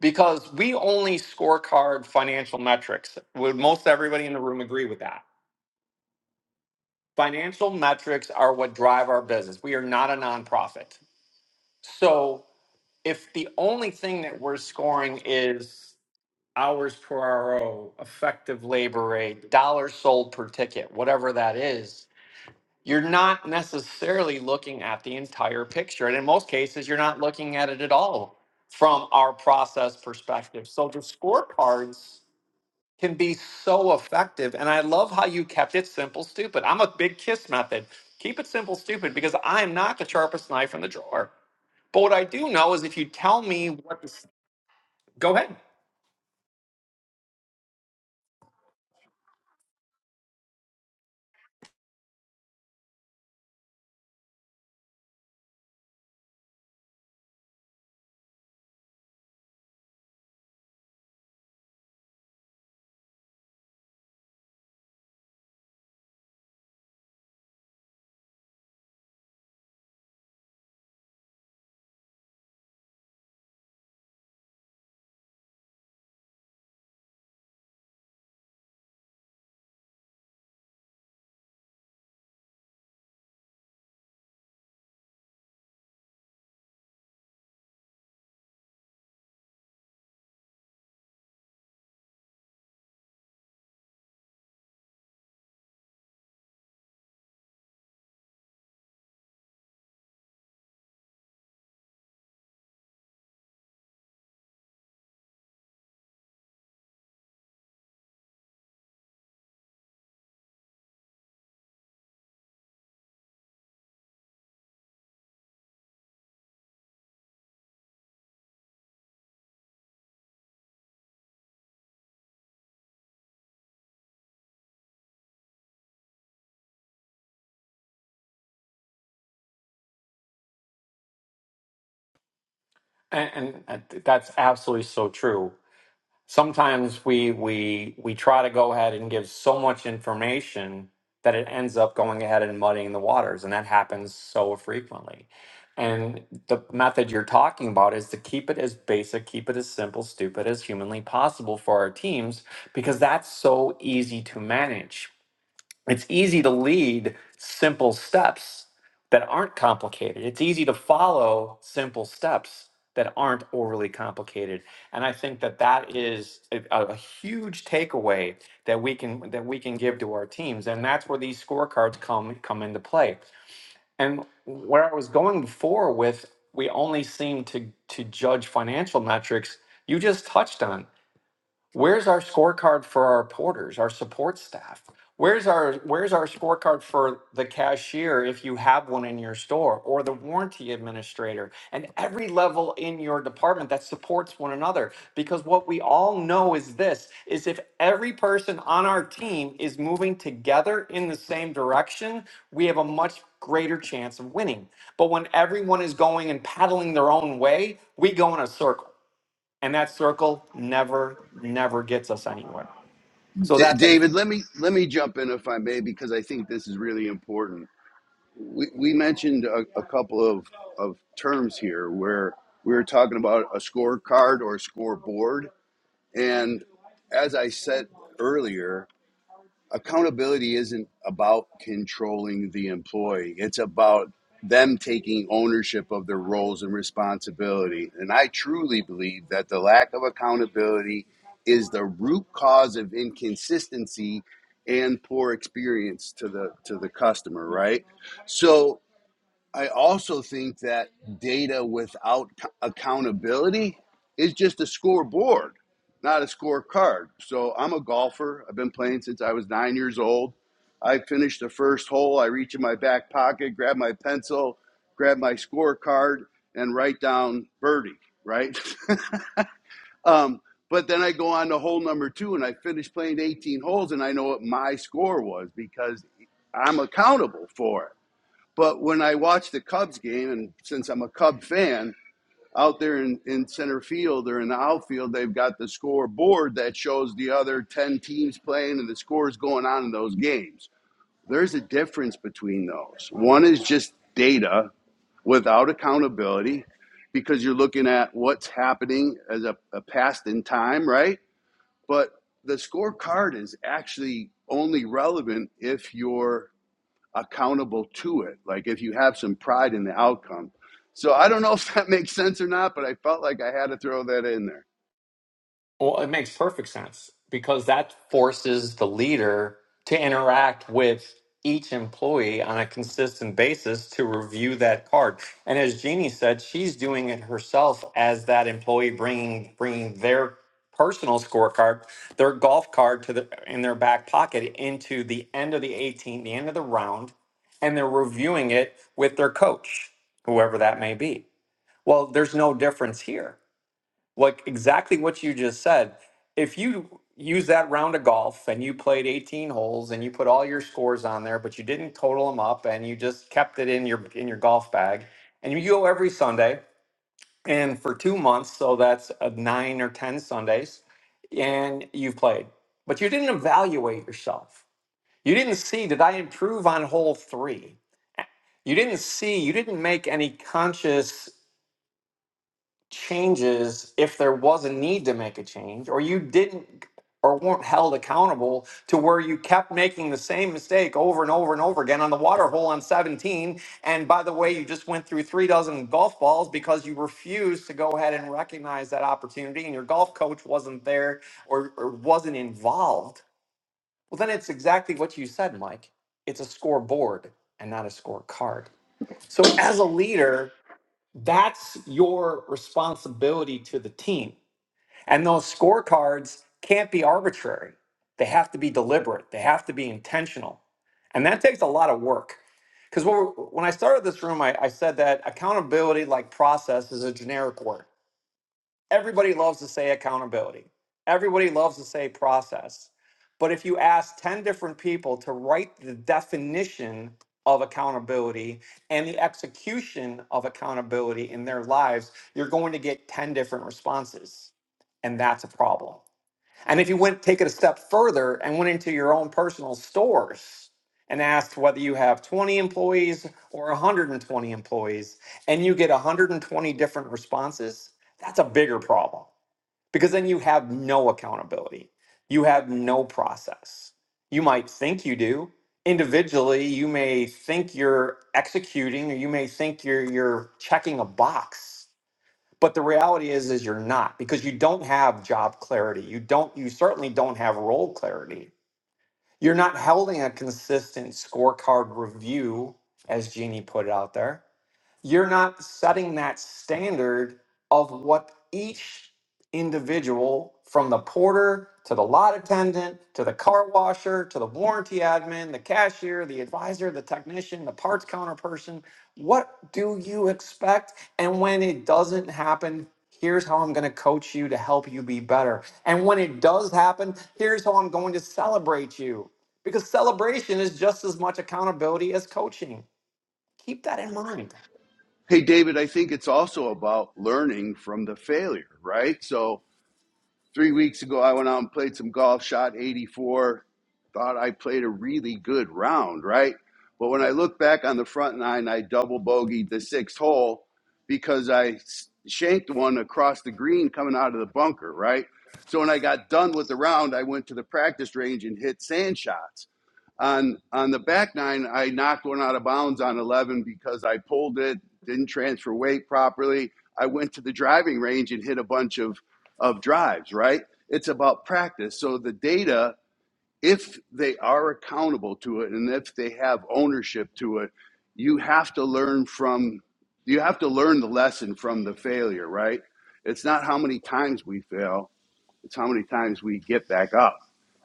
S1: because we only scorecard financial metrics. Would most everybody in the room agree with that? Financial metrics are what drive our business. We are not a nonprofit. So if the only thing that we're scoring is hours per RO, effective labor rate, dollars sold per ticket, whatever that is, you're not necessarily looking at the entire picture. And in most cases, you're not looking at it at all from our process perspective. So the scorecards can be so effective. And I love how you kept it simple, stupid. I'm a big kiss method. Keep it simple, stupid, because I am not the sharpest knife in the drawer. But what I do know is if you tell me what to s- go ahead. And, and and that's absolutely so true. sometimes we we we try to go ahead and give so much information that it ends up going ahead and muddying the waters and that happens so frequently and the method you're talking about is to keep it as basic keep it as simple stupid as humanly possible for our teams because that's so easy to manage it's easy to lead simple steps that aren't complicated. It's easy to follow simple steps that aren't overly complicated. And I think that that is a, a- huge takeaway that we can that we can give to our teams. And that's where these scorecards come come into play. And where I was going before with we only seem to to judge financial metrics, you just touched on. Where's our scorecard for our porters, our support staff? Where's our where's our scorecard for the cashier if you have one in your store or the warranty administrator and every level in your department that supports one another because what we all know is this is if every person on our team is moving together in the same direction, we have a much greater chance of winning. But when everyone is going and paddling their own way, we go in a circle and that circle never never gets us anywhere so
S3: D-
S1: that's like
S3: David, let me let me jump in if I may because I think this is really important. We, we mentioned a, a couple of, of terms here where we were talking about a scorecard or scoreboard, and as I said earlier, accountability isn't about controlling the employee. It's about them taking ownership of their roles and responsibility. And I truly believe that the lack of accountability is the root cause of inconsistency and poor experience to the to the customer, right? So I also think that data without accountability is just a scoreboard, not a scorecard. So I'm a golfer. I've been playing since I was nine years old. I finished the first hole. I reach in my back pocket, grab my pencil, grab my scorecard, and write down birdie, right? um, but then I go on to hole number two and I finish playing 18 holes and I know what my score was because I'm accountable for it. But when I watch the Cubs game, and since I'm a Cub fan, out there in, in center field or in the outfield, they've got the scoreboard that shows the other 10 teams playing and the scores going on in those games. There's a difference between those. One is just data without accountability because you're looking at what's happening as a, a past in time, right? But the scorecard is actually only relevant if you're accountable to it. Like if you have some pride in the outcome. So I don't know if that makes sense or not, but I felt like I had to throw that in there.
S1: well it makes perfect sense because that forces the leader to interact with each employee on a consistent basis to review that card and as jeannie said she's doing it herself as that employee bringing bringing their personal scorecard their golf card to the in their back pocket into the end of the 18 the end of the round and they're reviewing it with their coach whoever that may be Well, there's no difference here. Like exactly what you just said. If you use that round of golf and you played 18 holes and you put all your scores on there, but you didn't total them up and you just kept it in your in your golf bag and you go every Sunday and for 2 months, so that's uh, 9 or 10 Sundays and you've played. But you didn't evaluate yourself. You didn't see did I improve on hole 3? You didn't see, you didn't make any conscious changes if there was a need to make a change or you didn't or weren't held accountable to where you kept making the same mistake over and over and over again on the water hole on 17 and by the way you just went through three dozen golf balls because you refused to go ahead and recognize that opportunity and your golf coach wasn't there or, or wasn't involved well then it's exactly what you said mike it's a scoreboard and not a scorecard so as a leader that's your responsibility to the team. And those scorecards can't be arbitrary. They have to be deliberate, they have to be intentional. And that takes a lot of work. Because when, I started this room, I, I said that accountability, like process, is a generic word. Everybody loves to say accountability. Everybody loves to say process. But if you ask 10 different people to write the definition of accountability and the execution of accountability in their lives, you're going to get 10 different responses. And that's a problem. And if you went take it a step further and went into your own personal stores and asked whether you have 20 employees or 120 employees, and you get 120 different responses, that's a bigger problem because then you have no accountability. You have no process. You might think you do. Individually, you may think you're executing or you may think you're, you're checking a box but the reality is is you're not because you don't have job clarity you don't you certainly don't have role clarity you're not holding a consistent scorecard review as jeannie put it out there you're not setting that standard of what each individual from the porter to the lot attendant to the car washer to the warranty admin the cashier the advisor the technician the parts counter person what do you expect and when it doesn't happen here's how i'm going to coach you to help you be better and when it does happen here's how i'm going to celebrate you because celebration is just as much accountability as coaching keep that in mind
S3: Hey, David, I think it's also about learning from the failure, right? So Three weeks ago, I went out and played some golf, shot 84. Thought I played a really good round, right? But when I look back on the front nine, I double bogeyed the sixth hole because I s- shanked one across the green coming out of the bunker, right? So when I got done with the round, I went to the practice range and hit sand shots on on the back nine, I knocked one out of bounds on 11 because I pulled it, didn't transfer weight properly. I went to the driving range and hit a bunch of of drives. Right? It's about practice. So the data, if they are accountable to it and if they have ownership to it, you have to learn from you have to learn the lesson from the failure. Right? It's not how many times we fail. It's how many times we get back up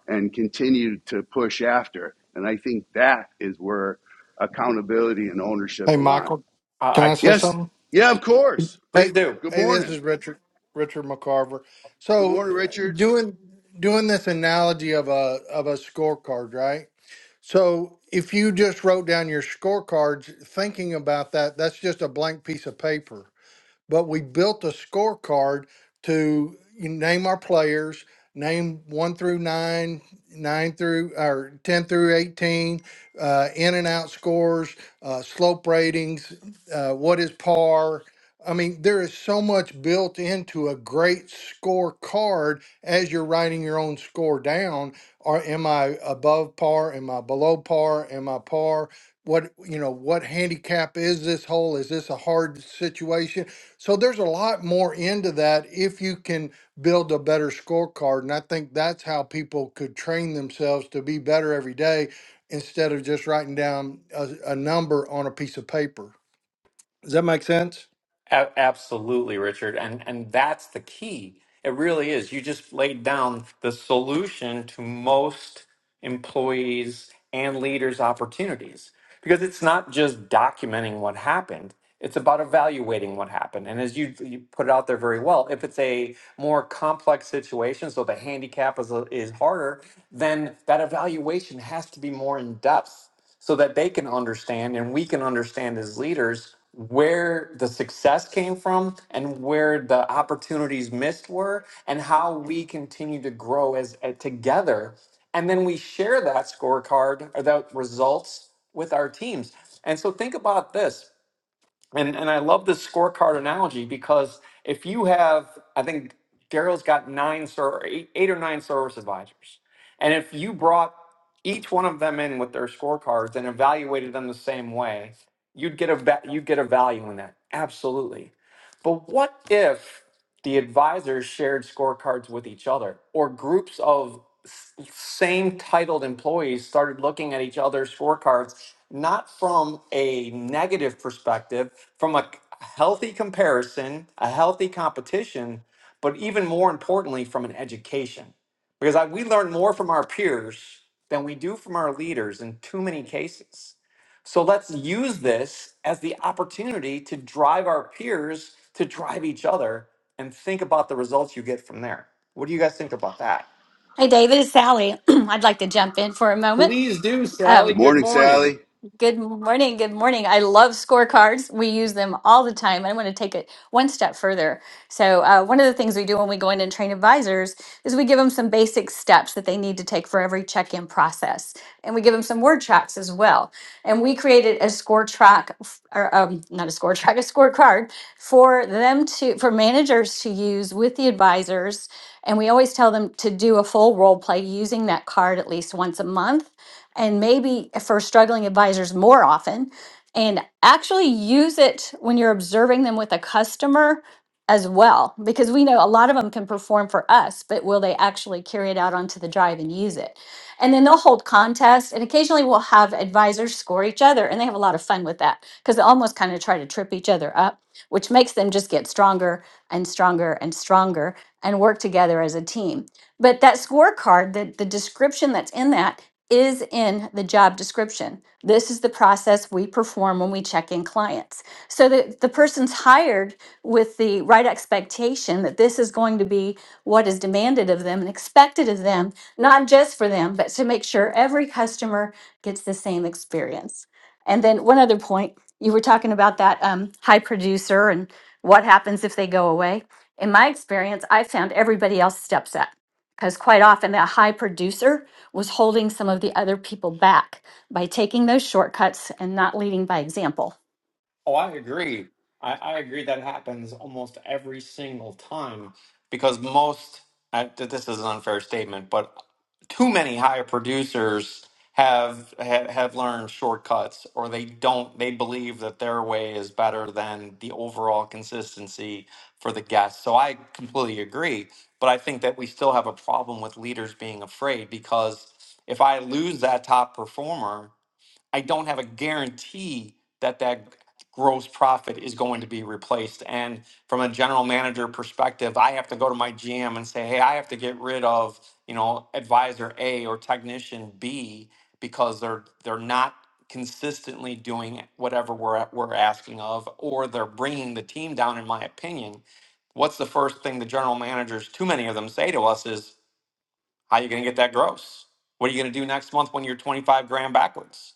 S3: and continue to push after. And I think that is where accountability and ownership
S10: Hey,
S3: align.
S10: Michael, can
S1: I.
S10: I say
S3: Yes.
S10: something?
S3: Yeah, of course.
S1: Please
S10: Hey,
S1: do.
S3: Good
S10: hey, this
S3: morning.
S10: is Richard Richard McCarver.
S3: Good
S10: So, uh,
S3: morning, Richard.
S10: doing doing this analogy of a of a scorecard, right? So, if you just wrote down your scorecards, thinking about that, that's just a blank piece of paper but we built a scorecard to you name our players, name one through nine, nine through or ten through eighteen, uh, in and out scores, uh, slope ratings, uh, what is par. I mean, there is so much built into a great scorecard as you're writing your own score down. Or am I above par? Am I below par? Am I par? What you know? What handicap is this hole? Is this a hard situation? So there's a lot more into that if you can build a better scorecard. And I think that's how people could train themselves to be better every day instead of just writing down a, a number on a piece of paper. Does that make sense?
S1: A- absolutely, Richard. And and that's the key. It really is. You just laid down the solution to most employees and leaders' opportunities because it's not just documenting what happened. It's about evaluating what happened. And as you, you put it out there very well, if it's a more complex situation, so the handicap is, is harder, then that evaluation has to be more in depth. so that they can understand and we can understand as leaders where the success came from and where the opportunities missed were and how we continue to grow as, uh, together and then we share that scorecard or that results with our teams and so think about this and and I love this scorecard analogy because if you have, I think Daryl's got nine ser- eight, eight or nine service advisors, and if you brought each one of them in with their scorecards and evaluated them the same way, you'd get a va- you'd get a value in that. Absolutely. But what if? the advisors shared scorecards with each other or groups of s- same titled employees started looking at each other's scorecards not from a negative perspective from a c- healthy comparison a healthy competition but even more importantly from an education because I, we learn more from our peers than we do from our leaders in too many cases so let's use this as the opportunity to drive our peers to drive each other and think about the results you get from there. What do you guys think about that?
S11: Hey, David, it's Sally. I'd like to jump in for a moment.
S1: Please do,
S11: Um,
S1: Sally.
S3: Good
S1: Good
S3: morning,
S1: morning.
S3: Sally.
S11: Good morning. Good morning. I love scorecards. We use them all the time. I want to take it one step further. So, uh, one of the things we do when we go in and train advisors is we give them some basic steps that they need to take for every check in process. And we give them some word tracks as well. And we created a score track, f- or um, not a score track, a scorecard for them to, for managers to use with the advisors. And we always tell them to do a full role play using that card at least once a month and maybe for struggling advisors more often and actually use it when you're observing them with a customer as well because we know a lot of them can perform for us but will they actually carry it out onto the drive and use it and then they'll hold contests and occasionally we'll have advisors score each other and they have a lot of fun with that because they almost kind of try to trip each other up which makes them just get stronger and stronger and stronger and work together as a team but that scorecard the, the description that's in that is in the job description. This is the process we perform when we check in clients. So that the person's hired with the right expectation that this is going to be what is demanded of them and expected of them, not just for them, but to make sure every customer gets the same experience. And then one other point, you were talking about that um, high producer and what happens if they go away. In my experience, I found everybody else steps up because quite often that high producer was holding some of the other people back by taking those shortcuts and not leading by example.
S1: Oh, I agree. I, I agree that happens almost every single time because most, I, th- this is an unfair statement, but too many higher producers have, have have learned shortcuts or they don't they believe that their way is better than the overall consistency for the guests. So I completely agree, but I think that we still have a problem with leaders being afraid because if I lose that top performer, I don't have a guarantee that that gross profit is going to be replaced. And from a general manager perspective, I have to go to my GM and say, hey, I have to get rid of, you know, advisor A or technician B because they're they're not consistently doing whatever we're we're asking of, or they're bringing the team down. In my opinion, what's the first thing the general managers, too many of them, say to us is, how are you going to get that gross? What are you going to do next month when you're 25 grand backwards?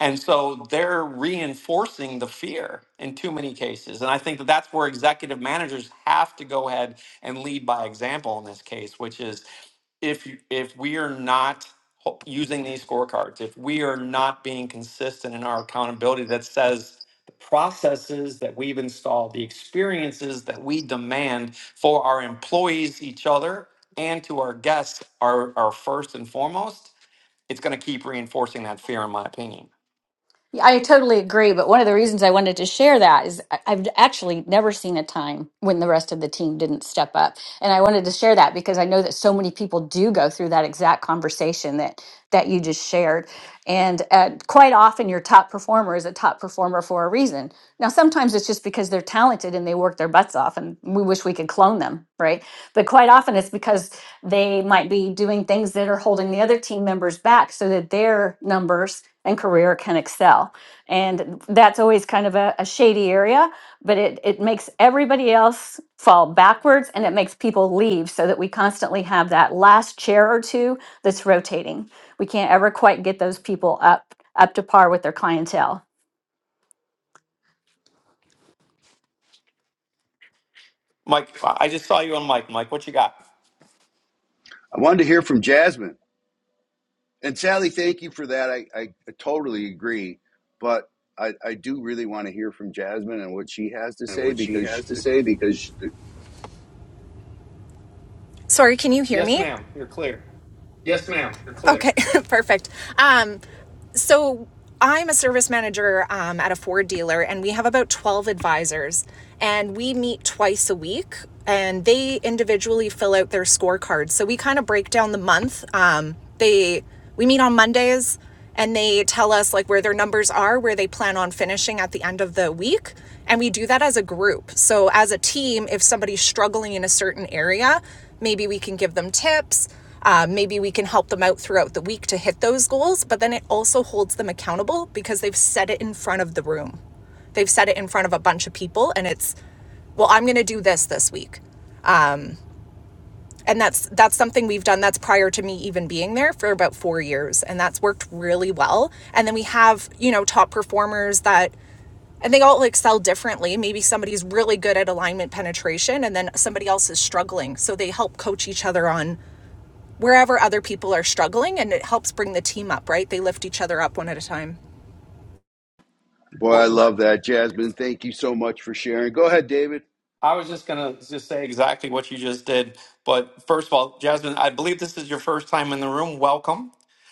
S1: And so they're reinforcing the fear in too many cases. And I think that that's where executive managers have to go ahead and lead by example in this case, which is if you, if we are not ho- using these scorecards, if we are not being consistent in our accountability that says the processes that we've installed, the experiences that we demand for our employees, each other, and to our guests are, are first and foremost, it's going to keep reinforcing that fear, in my opinion.
S11: Yeah, I totally agree. But one of the reasons I wanted to share that is I- I've actually never seen a time when the rest of the team didn't step up. And I wanted to share that because I know that so many people do go through that exact conversation that that you just shared. And uh, quite often your top performer is a top performer for a reason. Now, sometimes it's just because they're talented and they work their butts off and we wish we could clone them, right? But quite often it's because they might be doing things that are holding the other team members back so that their numbers and career can excel. And that's always kind of a, a shady area, but it, it makes everybody else fall backwards and it makes people leave so that we constantly have that last chair or two that's rotating. We can't ever quite get those people up up to par with their clientele.
S1: Mike, I just saw you on Mike. Mike, what you got?
S3: I wanted to hear from Jasmine. And Sally, thank you for that. I, I totally agree. But I, I do really want to hear from Jasmine and what she has to
S12: and
S3: say
S12: what she
S3: because, she,
S12: has to say because she, Sorry, can you hear
S1: Yes,
S12: me?
S1: ma'am. You're clear.
S12: yes madam Okay, perfect. Um, so I'm a service manager um, at a Ford dealer, and we have about 12 advisors, and we meet twice a week, and they individually fill out their scorecards. So we kind of break down the month. Um, they we meet on Mondays, and they tell us like where their numbers are, where they plan on finishing at the end of the week, And we do that as a group. So, as a team, if somebody's struggling in a certain area, maybe we can give them tips. Uh, maybe we can help them out throughout the week to hit those goals, but then it also holds them accountable because they've set it in front of the room. They've set it in front of a bunch of people, and it's, well, I'm going to do this this week. And that's that's something we've done that's prior to me even being there for about 4 years and that's worked really well. And then we have, you know, top performers that and they all excel differently. Maybe somebody's really good at alignment penetration and then somebody else is struggling. So they help coach each other on wherever other people are struggling and it helps bring the team up, right? They lift each other up one at a time.
S3: boy, I
S1: Well,
S3: love that. Jasmine, thank you so much for sharing. Go ahead, David.
S1: I was just gonna just say exactly what you just did. But first of all, Jasmine, I believe this is your first time in the room. Welcome.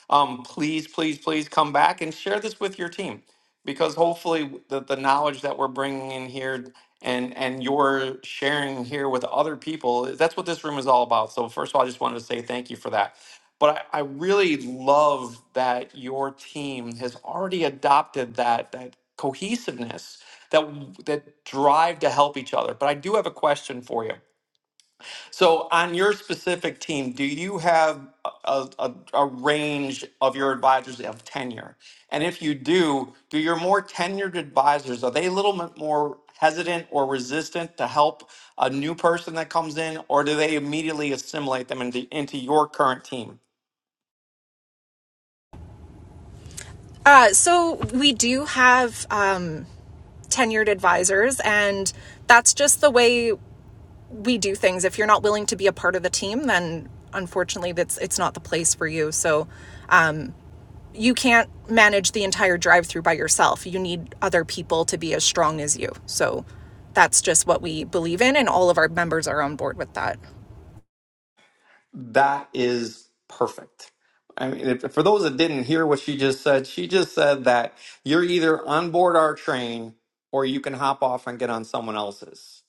S1: Um, please, please, please come back and share this with your team. because hopefully the, the knowledge that we're bringing in here and and you're sharing here with other people that's what this room is all about so first of all i just wanted to say thank you for that but i, I really love that your team has already adopted that that cohesiveness that that drive to help each other but i do have a question for you so on your specific team, do you have a, a, a range of your advisors of tenure? And if you do, do your more tenured advisors, are they a little bit more hesitant or resistant to help a new person that comes in, or do they immediately assimilate them into, into your current team?
S12: Uh, so we do have um, tenured advisors, and that's just the way we do things. If you're not willing to be a part of the team, then unfortunately that's it's not the place for you so um you can't manage the entire drive through by yourself. You need other people to be as strong as you. So that's just what we believe in, and all of our members are on board with that.
S1: That is perfect. I mean, if, for those that didn't hear what she just said, she just said that you're either on board our train or you can hop off and get on someone else's.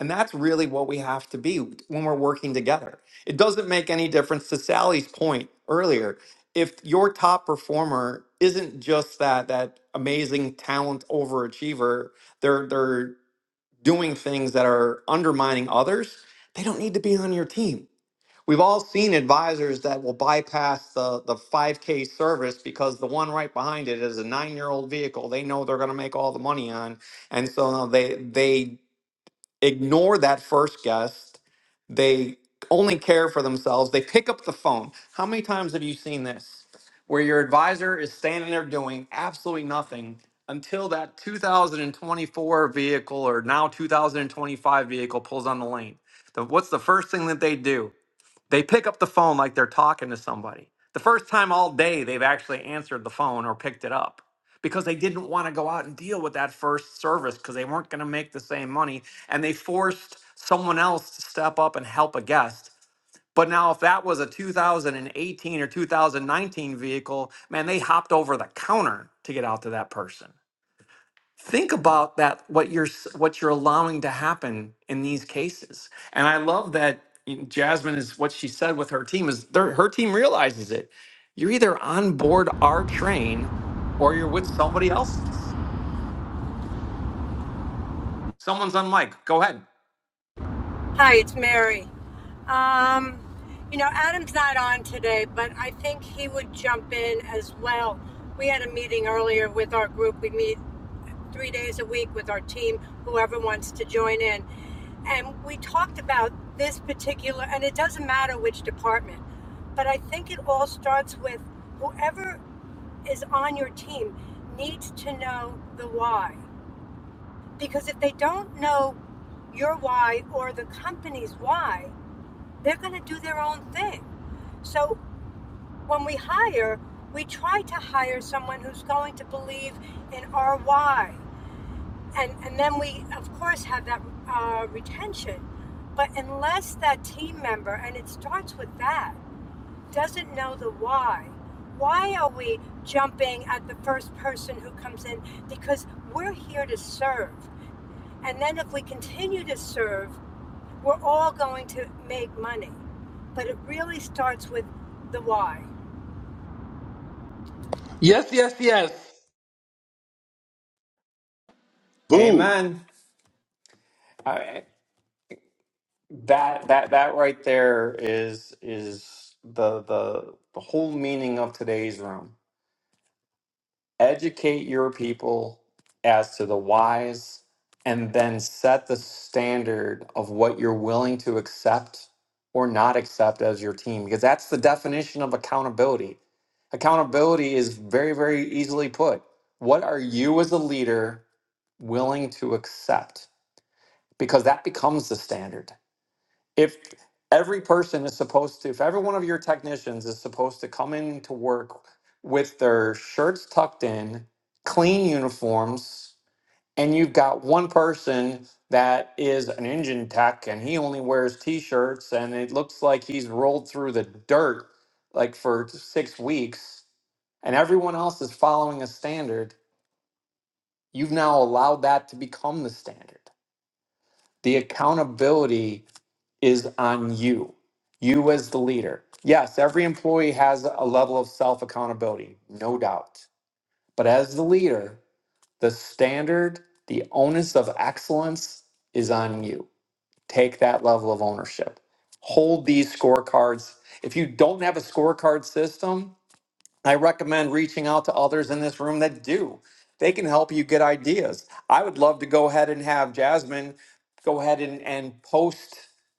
S1: And that's really what we have to be when we're working together. It doesn't make any difference to Sally's point earlier. If your top performer isn't just that that amazing talent overachiever, they're they're doing things that are undermining others, they don't need to be on your team We've all seen advisors that will bypass the, the 5K service because the one right behind it is a nine year old vehicle they know they're going to make all the money on. And so they, they ignore that first guest. They only care for themselves. They pick up the phone. How many times have you seen this where your advisor is standing there doing absolutely nothing until that 2024 vehicle or now 2025 vehicle pulls on the lane? The, what's the first thing that they do? They pick up the phone like they're talking to somebody. The first time all day they've actually answered the phone or picked it up because they didn't want to go out and deal with that first service because they weren't going to make the same money and they forced someone else to step up and help a guest. But now, if that was a 2018 or 2019 vehicle, man, they hopped over the counter to get out to that person think about that what you're s- what you're allowing to happen in these cases and i love that jasmine is what she said with her team is their- her team realizes it you're either on board our train or you're with somebody else someone's on mic go ahead
S13: Hi, it's Mary. Um, you know, Adam's not on today, but I think he would jump in as well. We had a meeting earlier with our group. We meet three days a week with our team, whoever wants to join in. And we talked about this particular, and it doesn't matter which department, but I think it all starts with whoever is on your team needs to know the why. Because if they don't know your why or the company's why, they're going to do their own thing. So when we hire, we try to hire someone who's going to believe in our why. And, and then we, of course, have that uh, retention. But unless that team member, and it starts with that, doesn't know the why, why are we jumping at the first person who comes in? Because we're here to serve. And then if we continue to serve we're all going to make money, but it really starts with the why.
S8: Yes, yes, yes.
S3: Boom.
S1: amen I, that that that right there is is the the the whole meaning of today's room educate your people as to the whys and then set the standard of what you're willing to accept or not accept as your team because that's the definition of accountability accountability is very very easily put what are you as a leader willing to accept because that becomes the standard if every person is supposed to, if every one of your technicians is supposed to come in to work with their shirts tucked in, clean uniforms, and you've got one person that is an engine tech and he only wears t shirts and it looks like he's rolled through the dirt like for six weeks and everyone else is following a standard, you've now allowed that to become the standard. The accountability is on you, you as the leader. Yes, every employee has a level of self accountability, no doubt. But as the leader, the standard, the onus of excellence is on you. Take that level of ownership. Hold these scorecards. If you don't have a scorecard system, I recommend reaching out to others in this room that do. They can help you get ideas. I would love to go ahead and have Jasmine go ahead and, and post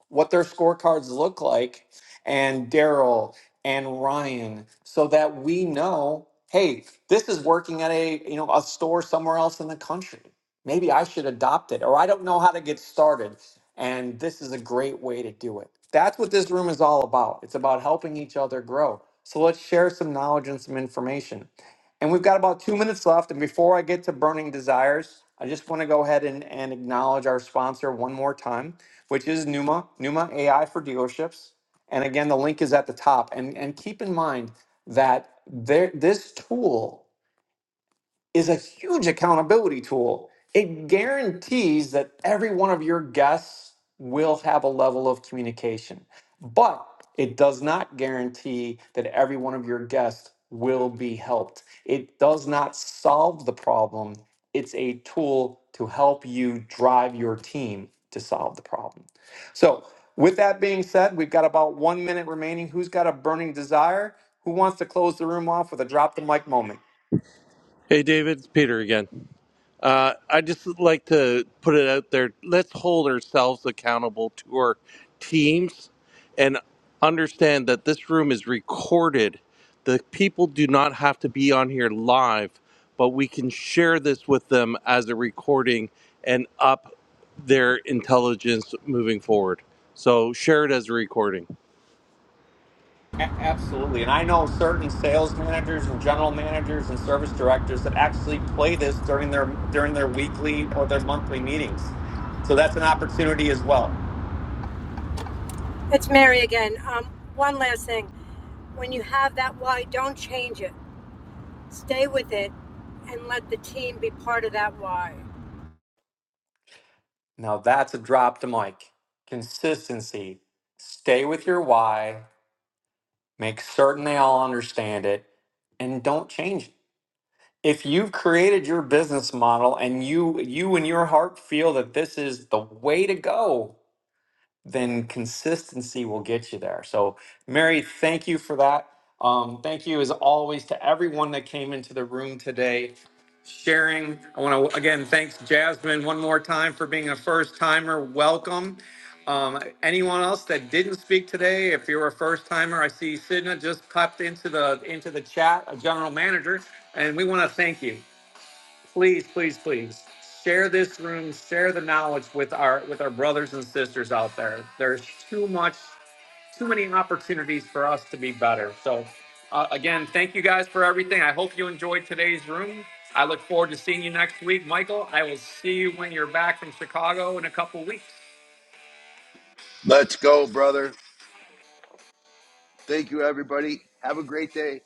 S1: what their scorecards look like and Daryl and Ryan so that we know, hey, this is working at a you know a store somewhere else in the country. Maybe I should adopt it, or I don't know how to get started. And this is a great way to do it. That's what this room is all about. It's about helping each other grow. So let's share some knowledge and some information. And we've got about two minutes left. And before I get to burning desires, I just want to go ahead and, and acknowledge our sponsor one more time, which is Numa, Numa AI for dealerships. And again, the link is at the top. And, and keep in mind that there, this tool is a huge accountability tool. It guarantees that every one of your guests will have a level of communication, but it does not guarantee that every one of your guests will be helped. It does not solve the problem. It's a tool to help you drive your team to solve the problem. So, with that being said, we've got about one minute remaining. Who's got a burning desire? Who wants to close the room off with a drop the mic moment?
S6: hey david it's peter again Uh, I just would like to put it out there. Let's hold ourselves accountable to our teams and understand that this room is recorded. The people do not have to be on here live, but we can share this with them as a recording and up their intelligence moving forward. So share it as a recording.
S1: A- Absolutely. And I know certain sales managers and general managers and service directors that actually play this during their during their weekly or their monthly meetings. So that's an opportunity as well.
S13: It's Mary again. Um, one last thing. When you have that why, don't change it. Stay with it and let the team be part of that why.
S1: Now that's a drop to mic. Consistency. Stay with your why, make certain they all understand it, and don't change it. If you've created your business model and you you in your heart feel that this is the way to go, then consistency will get you there. So, Mary, thank you for that. Um, thank you, as always, to everyone that came into the room today sharing. I want to again thanks Jasmine one more time for being a first timer. Welcome. Um, anyone else that didn't speak today, if you're a first timer, I see Sidna just popped into the into the chat, a general manager, and we want to thank you please, please, please share this room, share the knowledge with our with our brothers and sisters out there. There's too much, too many opportunities for us to be better. So, uh, again, thank you guys for everything. I hope you enjoyed today's room. I look forward to seeing you next week, Michael. I will see you when you're back from Chicago in a couple weeks.
S3: Let's go, brother. Thank you, everybody. Have a great day.